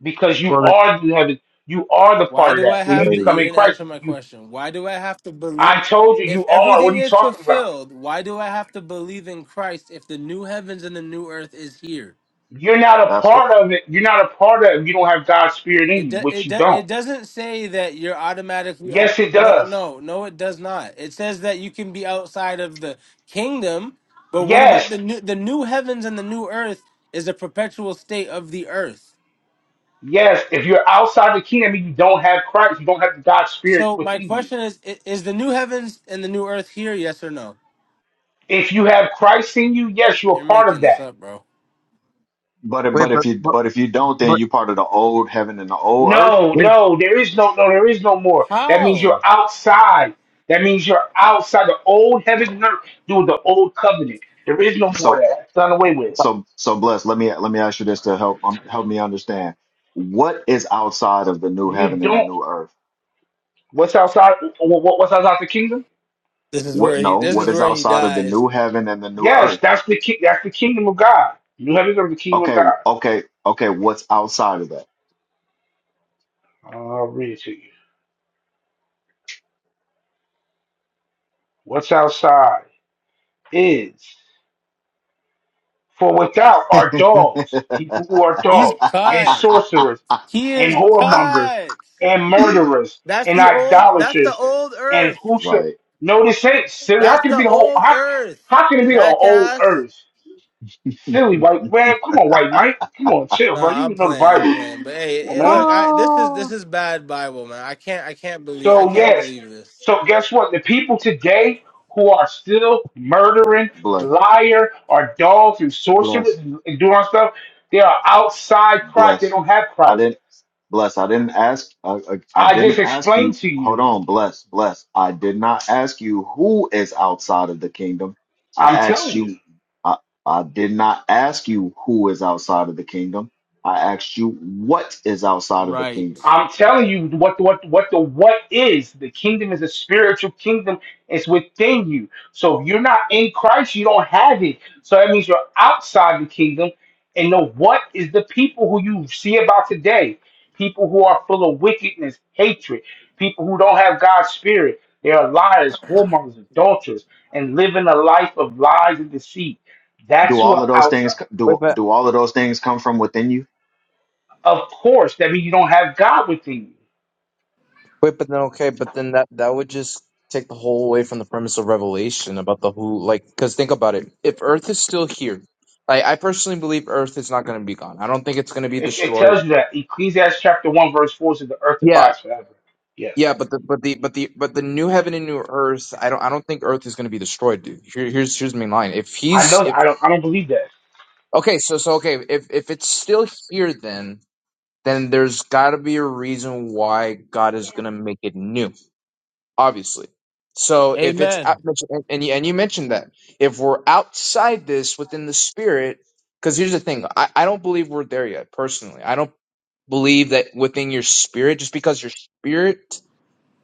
Speaker 1: because you
Speaker 5: well then,
Speaker 1: are the heaven. You are the
Speaker 3: Why
Speaker 1: part of
Speaker 3: do I
Speaker 1: that. When you
Speaker 3: have to? You
Speaker 1: become in
Speaker 3: didn't
Speaker 1: Christ,
Speaker 3: answer
Speaker 1: you,
Speaker 3: my
Speaker 1: you
Speaker 3: question. Why do I have to believe?
Speaker 1: I told you
Speaker 3: If
Speaker 1: you are. What
Speaker 3: everything
Speaker 1: are you
Speaker 3: is
Speaker 1: talking about?
Speaker 3: fulfilled, why do I have to believe in Christ if the new heavens and the new earth is here?
Speaker 1: You're not a
Speaker 4: That's what.
Speaker 1: part of it. You're not a part of it. You don't have God's spirit
Speaker 3: It
Speaker 1: in you,
Speaker 3: do,
Speaker 1: which
Speaker 3: it
Speaker 1: you
Speaker 3: do,
Speaker 1: don't.
Speaker 3: it doesn't say that you're automatically a,
Speaker 1: Yes, it
Speaker 3: no
Speaker 1: does.
Speaker 3: no no it does not. It says that you can be outside of the kingdom, but what about
Speaker 1: Yes,
Speaker 3: the new the new heavens and the new earth is a perpetual state of the earth.
Speaker 1: yes. If you're outside the kingdom, you don't have Christ. You don't have God's spirit
Speaker 3: So my
Speaker 1: within you.
Speaker 3: question is i- is the new heavens and the new earth here yes or no?
Speaker 1: If you have Christ in you, yes, you're
Speaker 3: You're
Speaker 1: a part of
Speaker 3: making this
Speaker 1: that.
Speaker 3: up, bro.
Speaker 4: But if-
Speaker 5: wait
Speaker 4: but
Speaker 5: but
Speaker 4: if you
Speaker 5: but
Speaker 4: but if you don't, then
Speaker 5: but
Speaker 4: you're part of the old heaven and the old earth.
Speaker 1: No,
Speaker 5: wait
Speaker 1: no, there is no, no, there is no more. That means you're
Speaker 3: How?
Speaker 1: outside. That means you're outside the old heaven and earth doing the old covenant. There is no more of
Speaker 4: So
Speaker 1: that. That's done away with.
Speaker 4: so so blessed. Let me let me ask you this to help um, help me understand. What is outside of the new
Speaker 1: You
Speaker 4: heaven and the
Speaker 1: don't.
Speaker 4: new earth?
Speaker 1: What's outside? wh- wh- What's outside the kingdom?
Speaker 3: This is where
Speaker 4: What
Speaker 3: he.
Speaker 4: no?
Speaker 3: This
Speaker 4: What
Speaker 3: is
Speaker 4: is
Speaker 3: where he
Speaker 4: outside of the
Speaker 3: dies.
Speaker 4: new heaven and the new
Speaker 1: Yes,
Speaker 4: earth?
Speaker 1: that's the ki- that's the kingdom of God. New heavens are the kingdom of
Speaker 4: Okay,
Speaker 1: God.
Speaker 4: okay, okay. What's outside of
Speaker 1: I'll read it to you. What's outside is for without are dogs,
Speaker 4: that?
Speaker 1: people who are
Speaker 3: He's
Speaker 1: dogs, and
Speaker 3: cut.
Speaker 1: sorcerers
Speaker 4: <laughs>
Speaker 3: He
Speaker 1: and
Speaker 3: is
Speaker 1: whoremongers
Speaker 3: cut.
Speaker 1: and murderers
Speaker 3: That's
Speaker 1: and
Speaker 3: the old. That's the
Speaker 1: idolaters
Speaker 3: old
Speaker 1: and
Speaker 3: Earth.
Speaker 1: who should
Speaker 4: right.
Speaker 1: no this ain't silly. How
Speaker 3: That's
Speaker 1: can it
Speaker 3: the
Speaker 1: be the whole
Speaker 3: old
Speaker 1: how,
Speaker 3: Earth.
Speaker 1: how can it be the whole
Speaker 3: Jackass.
Speaker 1: earth? Silly white
Speaker 4: <laughs>
Speaker 1: man, come on, white Mike. Come on, chill,
Speaker 3: No,
Speaker 1: bro. You
Speaker 3: I'm
Speaker 1: even know the
Speaker 3: playing. I'm
Speaker 1: Bible.
Speaker 3: playing. But hey,
Speaker 1: Come on,
Speaker 3: it,
Speaker 1: man.
Speaker 3: look, I this is this
Speaker 4: Ah,
Speaker 3: is bad Bible, man. I can't. I can't believe. I
Speaker 1: So
Speaker 3: can't
Speaker 1: yes.
Speaker 3: believe this.
Speaker 1: So guess what? The people today who are still murdering,
Speaker 4: bless,
Speaker 1: liar, are dogs and sorcerers
Speaker 4: bless,
Speaker 1: and, and doing all stuff, they are outside Christ. They
Speaker 4: bless.
Speaker 1: don't have
Speaker 4: I
Speaker 1: Christ.
Speaker 4: didn't bless. I didn't ask. I, I, I
Speaker 1: I just
Speaker 4: didn't ask
Speaker 1: explained
Speaker 4: you.
Speaker 1: to
Speaker 4: Hold
Speaker 1: you.
Speaker 4: on, bless, bless. I did not ask you who is outside of the kingdom. I
Speaker 1: I'm
Speaker 4: asked
Speaker 1: telling you.
Speaker 4: you. I, I did not ask you who is outside of the kingdom. I asked you what is outside of the
Speaker 3: Right.
Speaker 4: kingdom.
Speaker 1: I'm telling you what what what the what is the kingdom is a spiritual kingdom. It's within you. So if you're not in Christ, you don't have it. So that means you're outside the kingdom. And the what is the people who you see about today? People who are full of wickedness, hatred. People who don't have God's spirit. They are liars, whoremongers, adulterers, and living a life of lies and deceit. That's
Speaker 4: Do
Speaker 1: who
Speaker 4: all
Speaker 1: are
Speaker 4: of those
Speaker 1: outside.
Speaker 4: things
Speaker 5: wait
Speaker 4: do
Speaker 5: but
Speaker 4: do all of those things come from within you?
Speaker 1: Of course, that means you don't have God within you.
Speaker 5: Wait, but then okay, but then that that would just take the whole away from the premise of Revelation about the who, like, because think about it. If Earth is still here, I I personally believe Earth is not going to be gone. I don't think it's going to be
Speaker 1: It, it
Speaker 5: destroyed.
Speaker 1: tells you that Ecclesiastes chapter one verse four says the earth
Speaker 5: Yeah,
Speaker 1: abides forever. Yes,
Speaker 5: yeah, but the but the but the but the new heaven and new Earth, I don't I don't think Earth is going to be destroyed, dude. Here, here's here's the main line. If
Speaker 1: I
Speaker 5: he's
Speaker 1: know.
Speaker 5: if
Speaker 1: I don't. I don't believe that.
Speaker 5: okay, so so okay, if if it's still here, then then there's got to be a reason why God is going to make it new obviously. So if it's
Speaker 3: Amen.
Speaker 5: out, and and you, and you mentioned that if we're outside this within the spirit, because here's the thing, I, I don't believe we're there yet personally. I don't believe that within your spirit, just because your spirit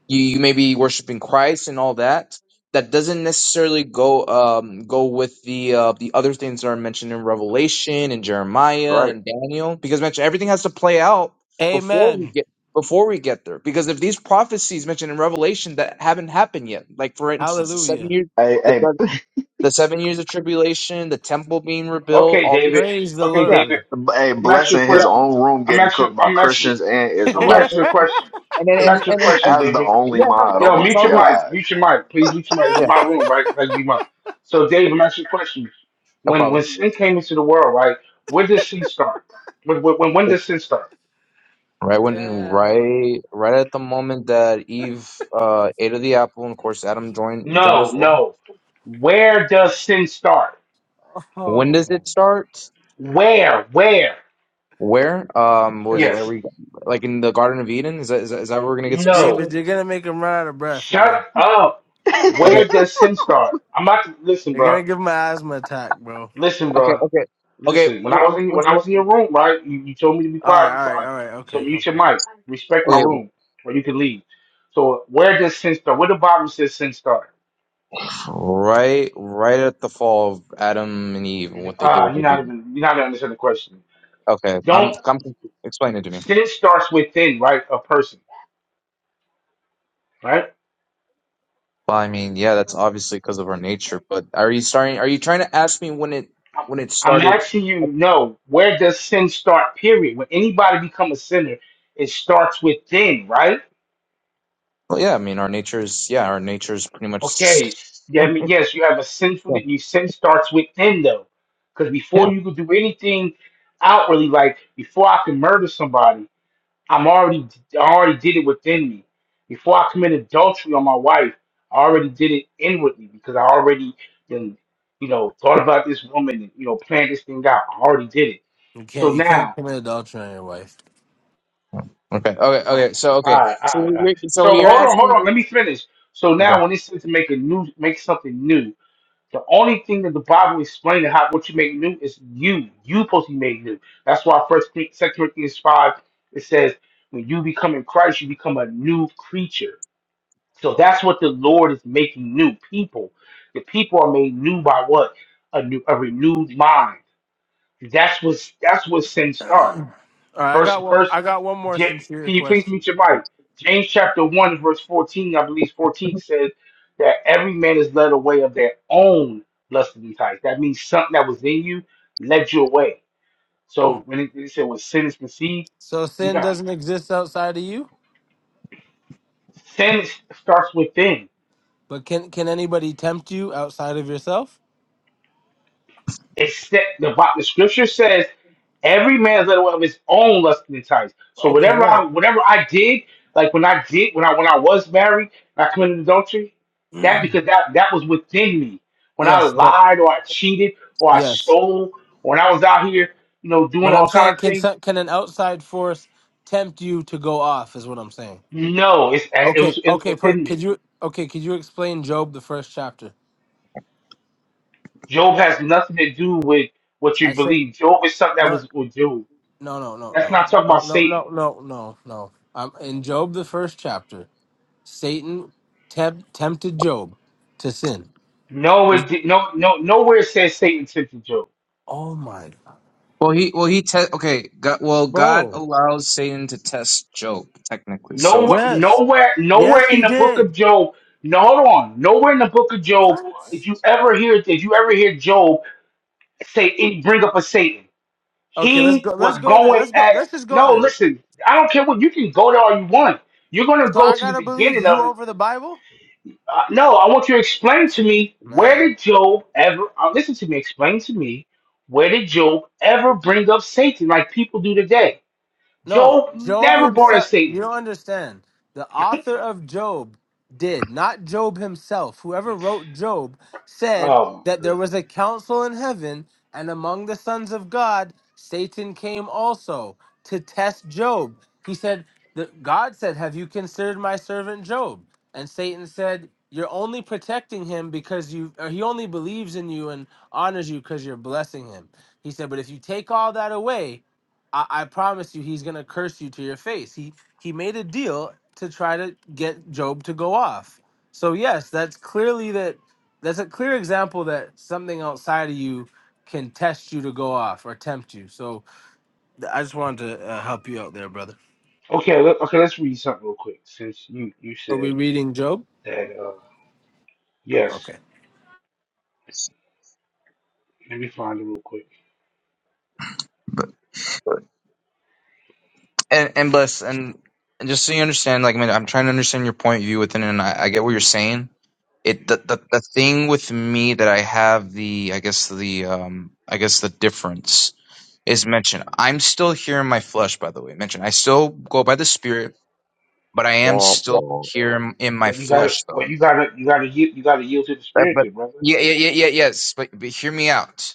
Speaker 5: you, you may be worshiping Christ and all that. That doesn't necessarily go um go with the uh, the other things that are mentioned in Revelation and Jeremiah
Speaker 4: Right.
Speaker 5: and Daniel because mention everything has to play out before we
Speaker 3: Amen.
Speaker 5: get before we get there because if these prophecies mentioned in Revelation that haven't happened yet like for instance the seven
Speaker 3: Hallelujah.
Speaker 5: years
Speaker 4: Hey,
Speaker 5: the
Speaker 4: hey,
Speaker 5: seven, the seven years of tribulation the temple being rebuilt
Speaker 1: Okay,
Speaker 5: all these
Speaker 1: David.
Speaker 3: Praise the
Speaker 1: Okay,
Speaker 5: yeah
Speaker 1: David.
Speaker 3: Lord.
Speaker 4: b- hey,
Speaker 1: I'm asking you a
Speaker 4: blessing
Speaker 5: yeah
Speaker 4: his
Speaker 1: question.
Speaker 4: own room
Speaker 1: I'm
Speaker 4: getting
Speaker 1: asking.
Speaker 4: cooked by
Speaker 1: I'm asking.
Speaker 4: Christians and
Speaker 1: I'm
Speaker 5: yeah
Speaker 1: asking
Speaker 4: Israelites
Speaker 1: you a question.
Speaker 5: and and
Speaker 1: I'm
Speaker 5: and, and,
Speaker 1: asking you a
Speaker 5: and, and,
Speaker 4: <laughs>
Speaker 5: and
Speaker 1: question,
Speaker 4: as the
Speaker 1: David.
Speaker 4: only
Speaker 5: yeah no, no,
Speaker 4: mod. Oh
Speaker 5: and
Speaker 1: Yo,
Speaker 4: my
Speaker 5: it's
Speaker 1: mute
Speaker 5: all
Speaker 1: your
Speaker 5: good
Speaker 1: mic.
Speaker 4: God.
Speaker 1: Mute your mic, please. Mute your mic. This
Speaker 5: yeah
Speaker 1: is my room, right? Like we my. So, Dave, I'm asking you a question.
Speaker 5: no
Speaker 1: When
Speaker 5: problem
Speaker 1: when sin came into the world, right? Where did sin start? When when when when does sin start?
Speaker 5: Right
Speaker 3: <laughs>
Speaker 5: when
Speaker 3: Damn.
Speaker 5: right right at the moment that Eve uh ate of the apple and of course Adam joined joined
Speaker 1: No,
Speaker 5: as well.
Speaker 1: no. Where does sin start?
Speaker 5: When does
Speaker 3: Oh.
Speaker 5: it start?
Speaker 1: Where? Where?
Speaker 5: Where? Um was are
Speaker 1: Yes.
Speaker 5: we like in the Garden of Eden? Is that is that, is that where we're gonna get specific?
Speaker 1: No.
Speaker 3: David, you're gonna make him run out of breath,
Speaker 1: Shut
Speaker 3: man.
Speaker 1: up. Where
Speaker 5: Okay,
Speaker 1: does sin start? I'm not listen,
Speaker 3: You're
Speaker 1: bro.
Speaker 3: gonna give him an asthma attack, bro.
Speaker 1: Listen,
Speaker 5: okay,
Speaker 1: bro.
Speaker 5: okay. Okay,
Speaker 1: Listen. When I was
Speaker 5: what,
Speaker 1: in
Speaker 5: what,
Speaker 1: when I was in your room, right? You, you told me to be
Speaker 3: All right,
Speaker 1: quiet, be
Speaker 3: all right,
Speaker 1: quiet.
Speaker 3: all right.
Speaker 1: So
Speaker 3: Okay,
Speaker 1: mute your
Speaker 3: okay.
Speaker 1: mic. Respect my
Speaker 5: okay,
Speaker 1: room, or you can leave. So where does sin start? Where the Bible says sin start?
Speaker 5: right right at the fall of Adam and Eve and what they did,
Speaker 1: Ah,
Speaker 5: what
Speaker 1: you're
Speaker 5: they did.
Speaker 1: not even you're not gonna understand the question.
Speaker 5: Okay, I'm
Speaker 1: Don't
Speaker 5: come explain it to me.
Speaker 1: sin starts within, right? A person, right?
Speaker 5: Well, I mean, yeah, that's obviously because of our nature, but are you starting are you trying to ask me when it
Speaker 1: I'm
Speaker 5: when it
Speaker 1: I'm
Speaker 5: started
Speaker 1: asking you, no, where does sin start, period? When anybody become a sinner, it starts within, right?
Speaker 5: Well, yeah, I mean, our nature's yeah, our nature's pretty much.
Speaker 1: Okay. Yeah,
Speaker 5: Oh,
Speaker 1: I mean, yes, you have a sinful
Speaker 5: Yeah.
Speaker 1: that you sin starts within though. Because
Speaker 5: yeah.
Speaker 1: before you could do anything outwardly, like before I can murder somebody, I'm already I already did it within me. Before I commit adultery on my wife, I already did it inwardly because I already then, you know, thought about this woman and you know, planned this thing out. I already did it.
Speaker 3: You
Speaker 1: So
Speaker 3: can't, you can't
Speaker 1: now
Speaker 3: commit adultery on your wife.
Speaker 5: Okay. Okay.
Speaker 1: Oh
Speaker 5: Okay.
Speaker 1: my
Speaker 5: So
Speaker 1: God. All
Speaker 5: okay.
Speaker 1: right,
Speaker 5: So
Speaker 1: all right.
Speaker 5: you're, so
Speaker 1: So
Speaker 5: you're
Speaker 1: hold on, hold
Speaker 5: asking.
Speaker 1: on. Let me finish. So
Speaker 5: Okay.
Speaker 1: now, when it says to make a new, make something new, the only thing that the Bible explains how what you make new is you. You supposed to be made new. That's why First Cor- Second Corinthians five it says when you become in Christ, you become a new creature. So that's what the Lord is making new people. The people are made new by what a new a renewed mind. That's what that's what sin starts.
Speaker 3: All right, I
Speaker 1: First,
Speaker 3: got one.
Speaker 1: first,
Speaker 3: I got one more
Speaker 1: Ja-
Speaker 3: sincere
Speaker 1: can you please
Speaker 3: question.
Speaker 1: meet your mic? James chapter one verse fourteen, I believe fourteen says that every man is led away of their own lust and desires. That means something that was in you led you away. So
Speaker 3: Mm.
Speaker 1: when it, it said when sin is conceived,
Speaker 3: So
Speaker 1: you
Speaker 3: sin
Speaker 1: got
Speaker 3: doesn't exist outside of you,
Speaker 1: sin starts within.
Speaker 3: but can can anybody tempt you outside of yourself?
Speaker 1: except the Bible. The scripture says every man's led away of his own lust and desires. So
Speaker 3: Okay,
Speaker 1: whatever I
Speaker 3: right.
Speaker 1: whatever I did, like when I did when I when I was married, and I committed adultery, that because that that was within me. When I
Speaker 3: Yes, but
Speaker 1: lied or I cheated or I
Speaker 3: yes,
Speaker 1: stole or when I was out here, you know, doing
Speaker 3: but I'm
Speaker 1: all kind
Speaker 3: saying
Speaker 1: of
Speaker 3: can
Speaker 1: things,
Speaker 3: some- can an outside force tempt you to go off? Is what I'm saying.
Speaker 1: no, it's it
Speaker 3: Okay,
Speaker 1: was it
Speaker 3: okay.
Speaker 1: was
Speaker 3: Per,
Speaker 1: within
Speaker 3: could
Speaker 1: me.
Speaker 3: you okay? Could you explain Job the first chapter?
Speaker 1: Job has nothing to do with what
Speaker 3: I
Speaker 1: you
Speaker 3: say
Speaker 1: believe. Job is something that
Speaker 3: no.
Speaker 1: was with Job.
Speaker 3: No, no, no,
Speaker 1: That's
Speaker 3: no,
Speaker 1: not
Speaker 3: no,
Speaker 1: talking
Speaker 3: no,
Speaker 1: about
Speaker 3: no,
Speaker 1: Satan.
Speaker 3: no, no, no, no. Um, in Job, the first chapter, Satan tempt, tempted Job to sin.
Speaker 1: No,
Speaker 3: Is-
Speaker 1: it no, no, nowhere it says Satan tempted Job.
Speaker 3: Oh my God.
Speaker 5: Well, he well he te- okay. God, well, God
Speaker 3: Bro.
Speaker 5: allows Satan to test Job technically. So.
Speaker 1: Nowhere,
Speaker 3: Yes.
Speaker 1: nowhere, nowhere
Speaker 3: Yes,
Speaker 1: in
Speaker 3: he
Speaker 1: the book of
Speaker 3: did.
Speaker 1: Job. No, hold on. Nowhere in the book of Job
Speaker 3: What?
Speaker 1: did you ever hear did you ever hear Job say any- bring up a Satan.
Speaker 3: Okay, let's
Speaker 1: He
Speaker 3: go. Let's
Speaker 1: was
Speaker 3: go there.
Speaker 1: going
Speaker 3: Let's go.
Speaker 1: at
Speaker 3: Let's just go
Speaker 1: no.
Speaker 3: there.
Speaker 1: Listen, I don't care what you can go there all you want. You're going to
Speaker 3: So
Speaker 1: go
Speaker 3: I
Speaker 1: to
Speaker 3: got
Speaker 1: the
Speaker 3: to believe
Speaker 1: beginning
Speaker 3: you
Speaker 1: of it.
Speaker 3: over the Bible?
Speaker 1: Uh, no, I want you to explain to me where
Speaker 3: Man.
Speaker 1: did Job ever uh, listen to me? Explain to me where did Job ever bring up Satan like people do today?
Speaker 3: No,
Speaker 1: Job
Speaker 3: Job
Speaker 1: never brought up
Speaker 3: himself. You
Speaker 1: Satan.
Speaker 3: don't understand. The author of Job did, not Job himself. Whoever wrote Job said
Speaker 1: Oh, my
Speaker 3: that there was a council in heaven, and among the sons of God, Satan came also to test Job. He said, the, God said, Have you considered my servant Job? And Satan said, You're only protecting him because you, or he only believes in you and honors you because you're blessing him. He said, But if you take all that away, I, I promise you, he's gonna curse you to your face. He he made a deal to try to get Job to go off. So yes, that's clearly that that's a clear example that something outside of you can test you to go off or tempt you. So th- I just wanted to uh, help you out there, brother.
Speaker 1: Okay, let, okay, let's read something real quick since you you
Speaker 3: Are we
Speaker 1: said
Speaker 3: reading Job?
Speaker 1: that. Uh, yes,
Speaker 3: Okay.
Speaker 1: let me find it real quick.
Speaker 5: but and and bless and, and just so you understand like i mean i'm trying to understand your point of view within and i, I get what you're saying it the, the the thing with me that i have the i guess the um i guess the difference is mentioned i'm still here in my flesh by the way mentioned i still go by the spirit but i am
Speaker 2: Womp
Speaker 5: still
Speaker 2: womp
Speaker 5: here in, in my
Speaker 1: Well, you got to
Speaker 5: flesh though
Speaker 1: Well, you got to You got to yield. You got to yield to the
Speaker 5: but,
Speaker 1: spirit,
Speaker 5: but
Speaker 1: then, brother.
Speaker 5: yeah, yeah yeah yeah yes but, but hear me out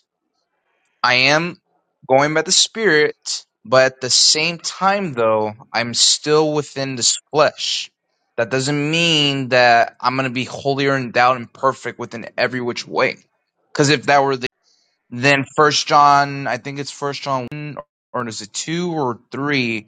Speaker 5: I am going by the spirit, but at the same time, though, I'm still within this flesh. That doesn't mean that I'm going to be holier and thou and perfect within every which way. Because if that were the then First John, I think it's First John, 1, or is it two or three?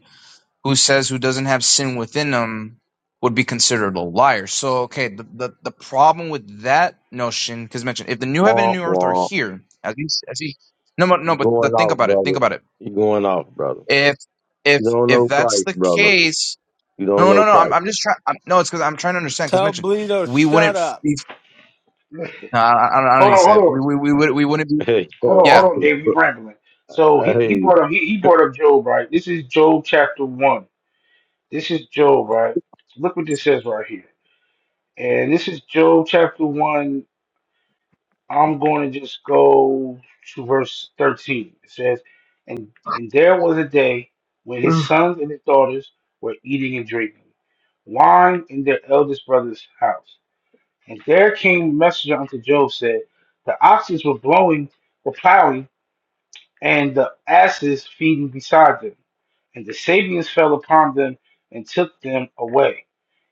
Speaker 5: who says who doesn't have sin within them would be considered a liar. So, okay, the, the, the problem with that notion, because mentioned, if the new heaven and
Speaker 2: womp
Speaker 5: new earth are
Speaker 2: womp.
Speaker 5: here, as he, as he, no, but no,
Speaker 2: You
Speaker 5: but the,
Speaker 2: going
Speaker 5: think
Speaker 2: off,
Speaker 5: about it.
Speaker 2: brother.
Speaker 5: Think about it.
Speaker 2: You going off, brother.
Speaker 5: If, if,
Speaker 2: You don't
Speaker 5: if
Speaker 2: know
Speaker 5: that's
Speaker 2: Christ,
Speaker 5: the
Speaker 2: brother.
Speaker 5: case,
Speaker 2: You don't
Speaker 5: no,
Speaker 2: know
Speaker 5: no, no, I'm,
Speaker 2: Christ.
Speaker 5: I'm
Speaker 2: <laughs>
Speaker 5: just trying, no, it's because I'm trying to understand, because
Speaker 3: Tell
Speaker 5: mentioned,
Speaker 3: Bleedo
Speaker 5: we
Speaker 3: shut
Speaker 5: wouldn't f-
Speaker 3: up.
Speaker 5: be, no, I, I, don't, I don't
Speaker 1: Hold
Speaker 5: need to
Speaker 1: on,
Speaker 5: say
Speaker 1: hold on,
Speaker 5: it. We, we, we would, we wouldn't be,
Speaker 2: Hey,
Speaker 1: hold on,
Speaker 5: yeah.
Speaker 1: hold on, Dave. You rambling. So he, he
Speaker 2: hey,
Speaker 1: brought up he, he brought up Job, right? This is Job chapter one. This is Job, right? Look what this says right here, and this is Job chapter one I'm going to just go to verse 13. It says, and, and there was a day when his sons and his daughters were eating and drinking wine in their eldest brother's house. And there came a messenger unto Job, said, The oxen were blowing, were plowing, and the asses feeding beside them. And the Sabians fell upon them and took them away.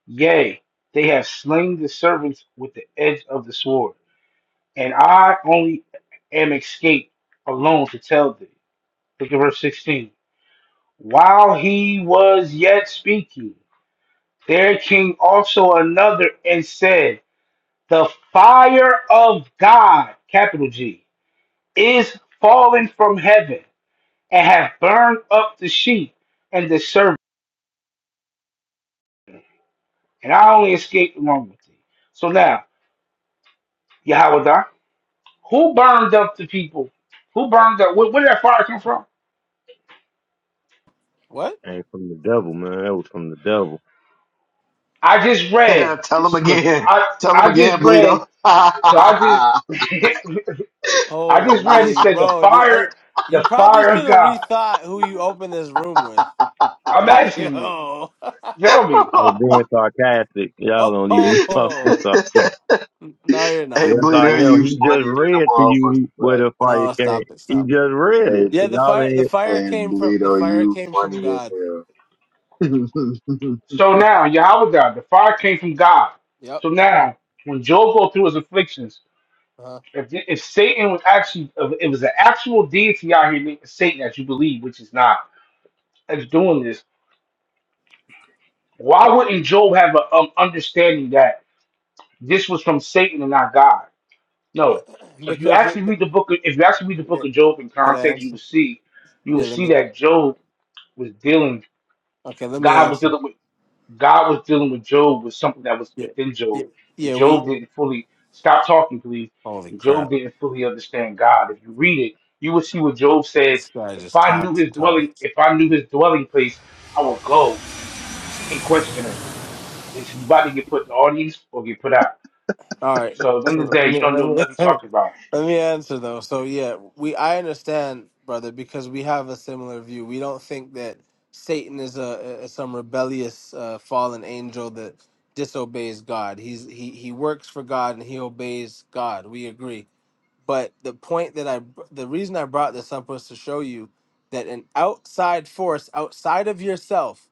Speaker 1: Yea, they have slain the servants with the edge of the sword and I only am escaped alone to tell thee. Look at verse 16. While he was yet speaking, there came also another and said, The fire of God, capital G, is fallen from heaven and have burned up the sheep and the servant. And I only escaped along with thee. So now, Yahweh, who burned up the people? Who burned up? Where, where did that fire come from?
Speaker 3: What?
Speaker 2: and from the devil, man. That was from the devil.
Speaker 1: I just read
Speaker 4: What? <laughs> Tell him
Speaker 1: just the
Speaker 4: again.
Speaker 1: I
Speaker 4: Tell him
Speaker 1: I just
Speaker 4: again,
Speaker 1: read
Speaker 4: Bleedo.
Speaker 1: so I just <laughs> I just read it
Speaker 3: Holy
Speaker 1: said the
Speaker 3: bro, did
Speaker 1: fire
Speaker 3: I
Speaker 1: the
Speaker 3: you probably
Speaker 1: fire of
Speaker 3: should have
Speaker 1: God.
Speaker 3: rethought who you opened this room with.
Speaker 1: I'm
Speaker 3: <laughs>
Speaker 1: asking you,
Speaker 3: Yo.
Speaker 1: tell me.
Speaker 2: I was being sarcastic.
Speaker 3: <laughs>
Speaker 2: Y'all don't even know <laughs> I was being
Speaker 3: oh.
Speaker 4: <laughs> <laughs>
Speaker 2: sarcastic.
Speaker 3: No, you're
Speaker 4: Hey,
Speaker 3: not.
Speaker 2: Yes, I
Speaker 4: Bleedo,
Speaker 3: Stop
Speaker 2: am.
Speaker 4: you
Speaker 3: it.
Speaker 2: He just
Speaker 4: funny than a
Speaker 2: read to
Speaker 4: motherfucker,
Speaker 2: you where
Speaker 4: bro.
Speaker 2: the fire
Speaker 3: Oh,
Speaker 2: came.
Speaker 3: stop it.
Speaker 2: He
Speaker 3: Stop it.
Speaker 2: just read
Speaker 4: Hey,
Speaker 2: it.
Speaker 3: Yeah,
Speaker 2: and
Speaker 3: the
Speaker 2: Y'all
Speaker 3: fire. The
Speaker 2: ain't
Speaker 3: fire
Speaker 4: hey,
Speaker 3: came from the
Speaker 4: Bleedo,
Speaker 3: fire
Speaker 4: you
Speaker 3: came from
Speaker 4: funny as
Speaker 3: God.
Speaker 4: hell. <laughs>
Speaker 1: So now Yahweh God, the fire came from God.
Speaker 3: Yep.
Speaker 1: So now when Job go through his afflictions,
Speaker 3: Uh,
Speaker 1: if if Satan was actually if it was an actual deity out here named Satan that you believe, which is not, that's doing this, why wouldn't Job have an um, understanding that this was from Satan and not God? No,
Speaker 3: <clears throat>
Speaker 1: if you
Speaker 3: because you.
Speaker 1: actually read the book, of, if you actually read the
Speaker 3: Yeah.
Speaker 1: book of Job in
Speaker 3: Can I
Speaker 1: context, you will
Speaker 3: answer?
Speaker 1: see, you will
Speaker 3: Yeah. Let
Speaker 1: see
Speaker 3: me.
Speaker 1: that Job was dealing.
Speaker 3: Okay. Let me
Speaker 1: God was
Speaker 3: answer.
Speaker 1: dealing with God was dealing with Job with something that was
Speaker 3: Yeah.
Speaker 1: within Job.
Speaker 3: Yeah.
Speaker 1: And
Speaker 3: Yeah. We.
Speaker 1: Job didn't fully stop talking, please.
Speaker 3: Holy
Speaker 1: And Job
Speaker 3: crap!
Speaker 1: didn't fully understand God. If you read it, you will see what Job said.
Speaker 3: This guy
Speaker 1: If
Speaker 3: just
Speaker 1: I knew
Speaker 3: talks
Speaker 1: his
Speaker 3: and
Speaker 1: dwelling,
Speaker 3: talks.
Speaker 1: if I knew his dwelling place, I would go and question him. This you about to get put in the audience or get put out.
Speaker 3: All right.
Speaker 1: So at the end of
Speaker 3: So
Speaker 1: the day,
Speaker 3: let
Speaker 1: you
Speaker 3: me
Speaker 1: don't
Speaker 3: let
Speaker 1: know nothing
Speaker 3: me <laughs>
Speaker 1: talking about.
Speaker 3: let me answer though. So yeah, we I understand, brother, because we have a similar view. We don't think that Satan is a, a some rebellious uh, fallen angel that disobeys God. He's he he works for God and he obeys God. We agree. But the point that I br- the reason I brought this up was to show you that an outside force outside of yourself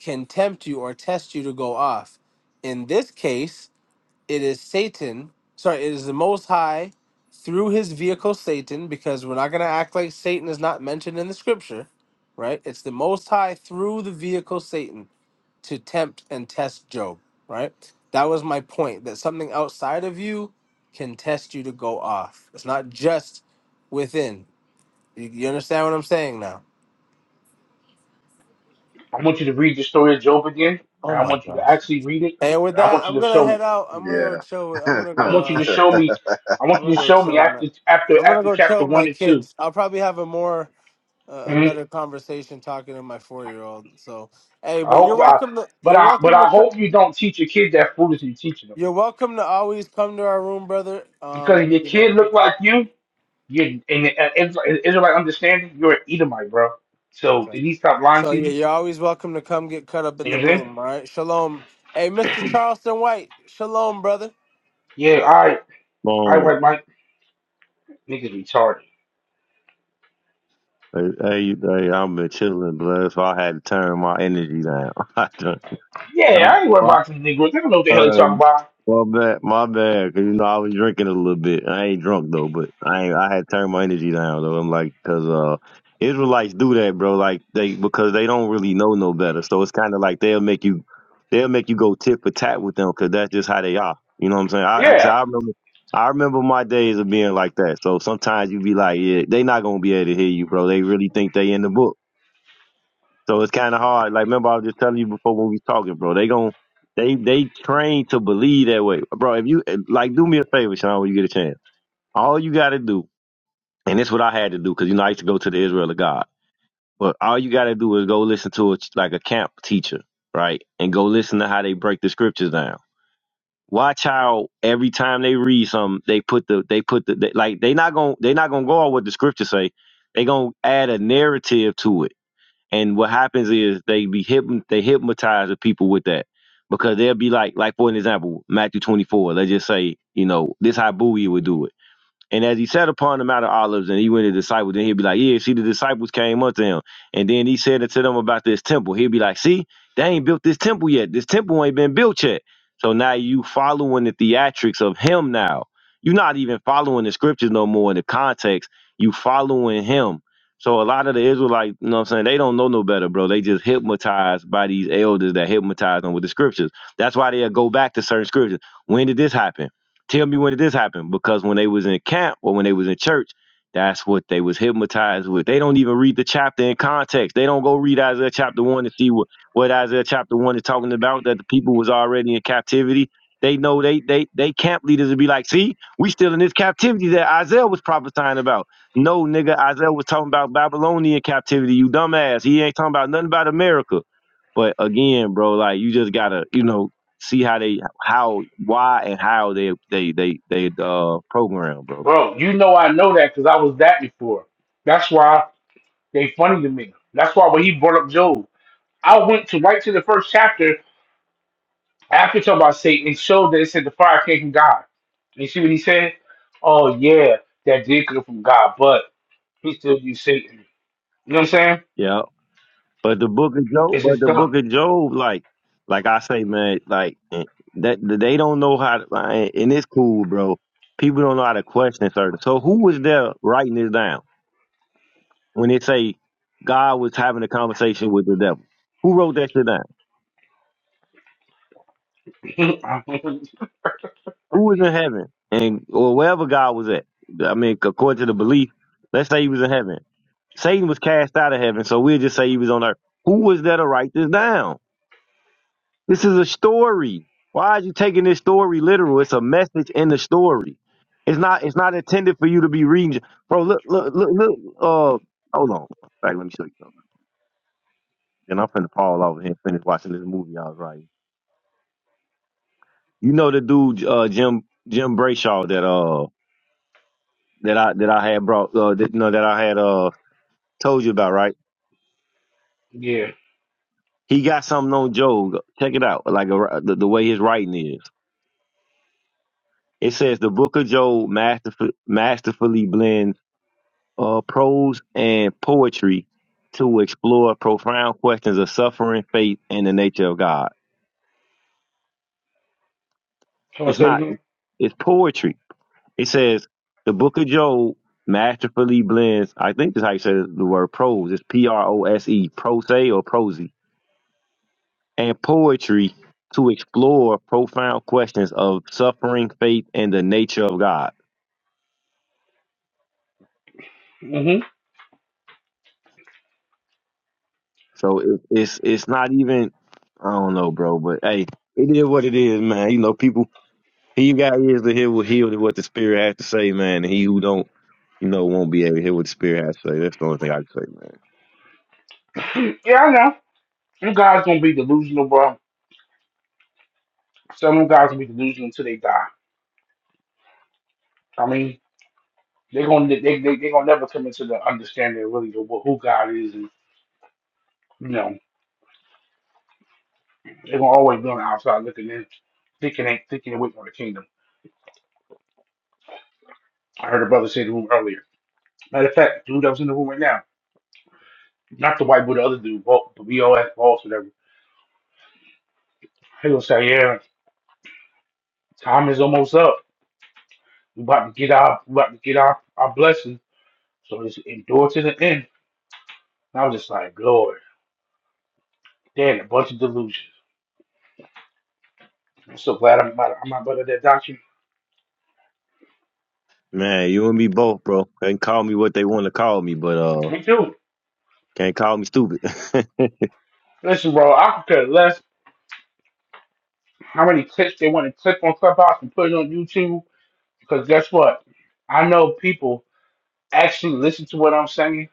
Speaker 3: can tempt you or test you to go off. In this case, it is Satan. Sorry, it is the Most High through his vehicle Satan, because we're not going to act like Satan is not mentioned in the scripture, right? It's the Most High through the vehicle Satan to tempt and test Job, right? That was my point that something outside of you can test you to go off. It's not just within. You, you understand what I'm saying now?
Speaker 1: I want you to read the story of Job again,
Speaker 3: Oh
Speaker 1: and I
Speaker 3: my
Speaker 1: want you to
Speaker 3: gosh.
Speaker 1: actually read it.
Speaker 3: And with
Speaker 1: And I
Speaker 3: that,
Speaker 1: want
Speaker 3: I'm
Speaker 1: you to
Speaker 3: gonna
Speaker 1: show me.
Speaker 3: head out. I'm gonna go chill. With, I'm
Speaker 4: God,
Speaker 3: gonna
Speaker 4: yeah. <laughs>
Speaker 1: I
Speaker 3: go.
Speaker 1: want you
Speaker 3: Uh,
Speaker 1: to show me. I
Speaker 3: I'm
Speaker 1: want you
Speaker 3: gonna
Speaker 1: to
Speaker 3: go
Speaker 1: show
Speaker 3: chill
Speaker 1: me
Speaker 3: with my.
Speaker 1: after after
Speaker 3: I'm gonna
Speaker 1: after
Speaker 3: go
Speaker 1: chapter
Speaker 3: chill with my
Speaker 1: one and 2
Speaker 3: kids. I'll probably have a more uh, a
Speaker 1: Mhm.
Speaker 3: better conversation talking to my four year old. So hey,
Speaker 1: I
Speaker 3: but you're
Speaker 1: hope I,
Speaker 3: welcome to
Speaker 1: but
Speaker 3: you're
Speaker 1: I but
Speaker 3: welcome to
Speaker 1: I
Speaker 3: co-
Speaker 1: hope you don't teach your kid that foolish you're teaching them
Speaker 3: you're welcome to always come to our room, brother.
Speaker 1: because
Speaker 3: Um,
Speaker 1: if your
Speaker 3: you know.
Speaker 1: kid look like you, you're in the uh, Israel- Israelite understanding, you're an Edomite, bro. So
Speaker 3: Okay.
Speaker 1: did he stop lying
Speaker 3: So
Speaker 1: to
Speaker 3: yeah,
Speaker 1: you?
Speaker 3: you're always welcome to come get cut up in
Speaker 1: You know
Speaker 3: the
Speaker 1: what I'm saying?
Speaker 3: room. All right. Shalom. Hey, Mr. Charleston White. Shalom, brother.
Speaker 1: Yeah, I I
Speaker 2: boom.
Speaker 1: white Mike niggas retarded.
Speaker 2: Hey, hey, hey, I've been chilling, blood, so I had to turn my energy down. <laughs> I done-
Speaker 1: Yeah, I ain't worried
Speaker 2: I-
Speaker 1: about these niggas. They don't know what the hell they talking
Speaker 2: Um,
Speaker 1: about.
Speaker 2: my bad, my bad. 'Cause you know I was drinking a little bit. I ain't drunk though, but I ain't, I had turned my energy down though. I'm like, 'cause uh, Israelites do that, bro. Like they because they don't really know no better. So it's kind of like they'll make you, they'll make you go tit for tat with them, 'cause that's just how they are. You know what I'm saying? I like I,
Speaker 1: Yeah.
Speaker 2: said, I remember. I remember my days of being like that. So sometimes you be like, yeah, they not gonna be able to hear you, bro. They really think they in the book. So it's kind of hard. Like, remember, I was just telling you before when we talking, bro. They gon' they they trained to believe that way, bro. If you eh, like, do me a favor, Sean, when you get a chance. All you got to do, and this what I had to do, because you know I used to go to the Israel of God. But all you got to do is go listen to a, like a camp teacher, right, and go listen to how they break the scriptures down. Watch how every time they read something, they put the they put the they, like they not gonna they not gonna go on what the scriptures say. They gonna add a narrative to it and what happens is they be hyp they hypnotize the people with that because they'll be like, like for an example, Matthew 24. Let's just say, you know, this how Bowie would do it. And as he sat upon the Mount of Olives and he went to the disciples, then he'd be like, Yeah, see, the disciples came unto him. And then he said unto them about this temple. He'd be like, See, they ain't built this temple yet. This temple ain't been built yet. So now you following the theatrics of him now. You're not even following the scriptures no more in the context. You following him. So a lot of the Israelites, you know what I'm saying, they don't know no better, bro. They just hypnotized by these elders that hypnotize them with the scriptures. That's why they'll go back to certain scriptures. When did this happen? Tell me when did this happen? Because when they was in camp or when they was in church, that's what they was hypnotized with. They don't even read the chapter in context. They don't go read Isaiah chapter one to see what, what Isaiah chapter one is talking about, that the people was already in captivity. They know they they they camp leaders would be like, see, we still in this captivity that Isaiah was prophesying about. No, nigga, Isaiah was talking about Babylonian captivity, you dumbass. He ain't talking about nothing about America. But again, bro, like you just gotta, you know, see how they how, why, and how they they they they uh program, bro.
Speaker 1: Bro, you know I know that because I was that before. That's why they funny to me. That's why when he brought up Job, I went to right to the first chapter after talking about Satan and showed that it said the fire came from God. You see what he said? Oh yeah, that did come from God, but he still used Satan. You know what I'm saying?
Speaker 2: Yeah, but the book of Job,
Speaker 1: It's
Speaker 2: but
Speaker 1: just
Speaker 2: the book
Speaker 1: dumb.
Speaker 2: of Job, like like I say, man, like eh, that they don't know how. To, and and it's cool, bro. People don't know how to question certain. So who was there writing this down when it say God was having a conversation with the devil? Who wrote that shit down? Who was in heaven and or wherever God was at? I mean, according to the belief, let's say he was in heaven Satan was cast out of heaven, so we'll just say he was on earth. Who was there to write this down? This is a story. Why are you taking this story literal? It's a message in the story. It's not. It's not intended for you to be reading. Bro, look, look, look, look. Uh, hold on. Right, let me show you something. Then I'm finna fall over here and finish watching this movie I was writing. You know the dude, uh, Jim Jim Brayshaw that uh that I that I had brought uh that, you know that I had uh told you about right.
Speaker 1: <laughs> yeah.
Speaker 2: He got something on Job. Check it out, like a, the, the way his writing is. It says the book of Job masterful, masterfully blends uh, prose and poetry to explore profound questions of suffering, faith, and the nature of God.
Speaker 1: Can I
Speaker 2: It's
Speaker 1: say it
Speaker 2: not,
Speaker 1: again?
Speaker 2: it's poetry. It says the book of Job masterfully blends, I think that's how you say the word prose. It's P R O S E, prose or prosy, and poetry to explore profound questions of suffering, faith, and the nature of God
Speaker 1: hmm
Speaker 2: So it, it's it's not even I don't know, bro. But hey, it is what it is, man. You know, people he got ears to hear what hear what the spirit has to say, man. And he who don't, you know, won't be able to hear what the spirit has to say. That's the only thing I can say, man.
Speaker 1: Yeah, I know. Some guys gonna be delusional, bro. Some guys gonna be delusional until they die. I mean. They're gonna they they they gonna never come into the understanding really of really what, who God is, and you know they're gonna always be on the outside looking in, thinking ain't thinking and waiting on the kingdom. I heard a brother say in the room earlier. Matter of fact, dude that was in the room right now, not the white but the other dude, Bo- the BOS boss, whatever. He gonna say, yeah, time is almost up. We about to get our we about to get our our blessing. So just endure to the end. And I was just like, Lord, damn, a bunch of delusions. I'm so glad I'm not, I'm not under that doctrine.
Speaker 2: Man, you and me both, bro. They can call me what they want to call me, but uh,
Speaker 1: Me too.
Speaker 2: can't call me stupid. <laughs>
Speaker 1: Listen, bro, I could care less how many clips they want to clip on Clubhouse and put it on YouTube. Because guess what? I know people actually listen to what I'm saying.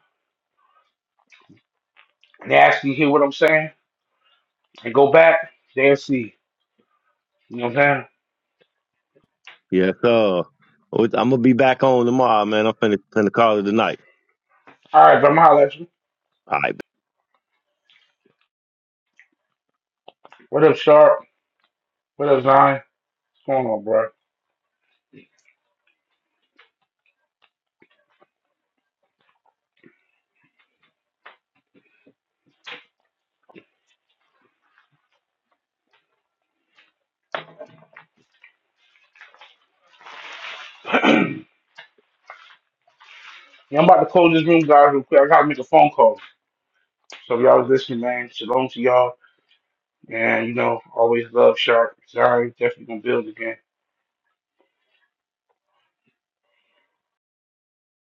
Speaker 1: They actually hear what I'm saying and go back. They'll see. You know what I'm saying?
Speaker 2: yes, sir. Well, I'm gonna be back on tomorrow, man. I'm finna finna call it tonight.
Speaker 1: All right, but I'm holla at you.
Speaker 2: All right.
Speaker 1: What up, Sharp? What up, Zion? What's going on, bro? <clears throat> yeah, I'm about to close this room, guys, real quick. I gotta make a phone call. So if y'all was listening, man, shalom to y'all. And you know, always love Sharp. Zion definitely gonna build again.